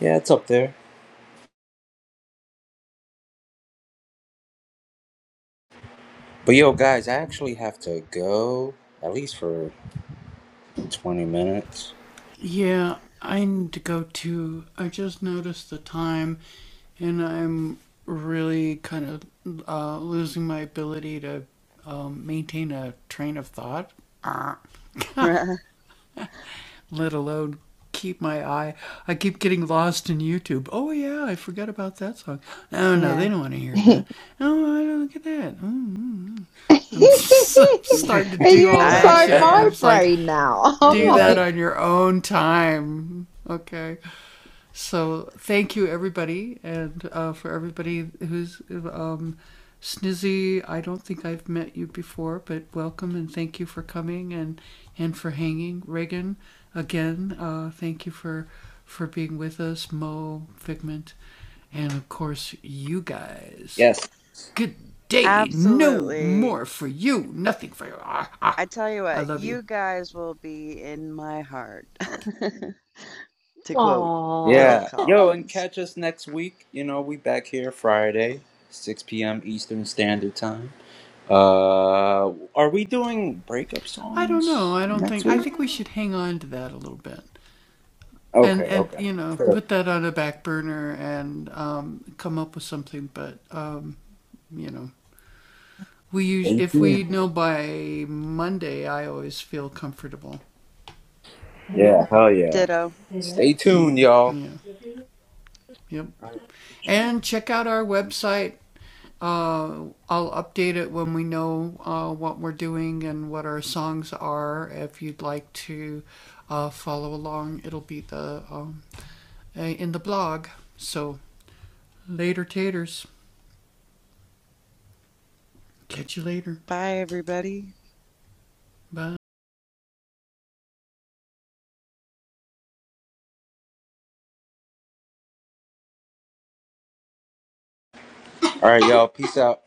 yeah, it's up there. But yo, guys, I actually have to go at least for 20 minutes. [LAUGHS] yeah. [LAUGHS] Are you I inside hear my ya. brain now? [LAUGHS] I'm Uh, like, yes. Absolutely. I tell you what, you guys will be in my heart, [LAUGHS] to quote Oh. Phil Yeah. [LAUGHS] Yo, and Collins. catch us next week. You know, we back here Friday, 6 p.m. Eastern Standard Time. Uh are we doing breakup songs next week? Okay, okay. Stay tuned. Yeah, hell yeah. Ditto. Stay tuned, y'all. Bye, everybody. All right, y'all. Peace out.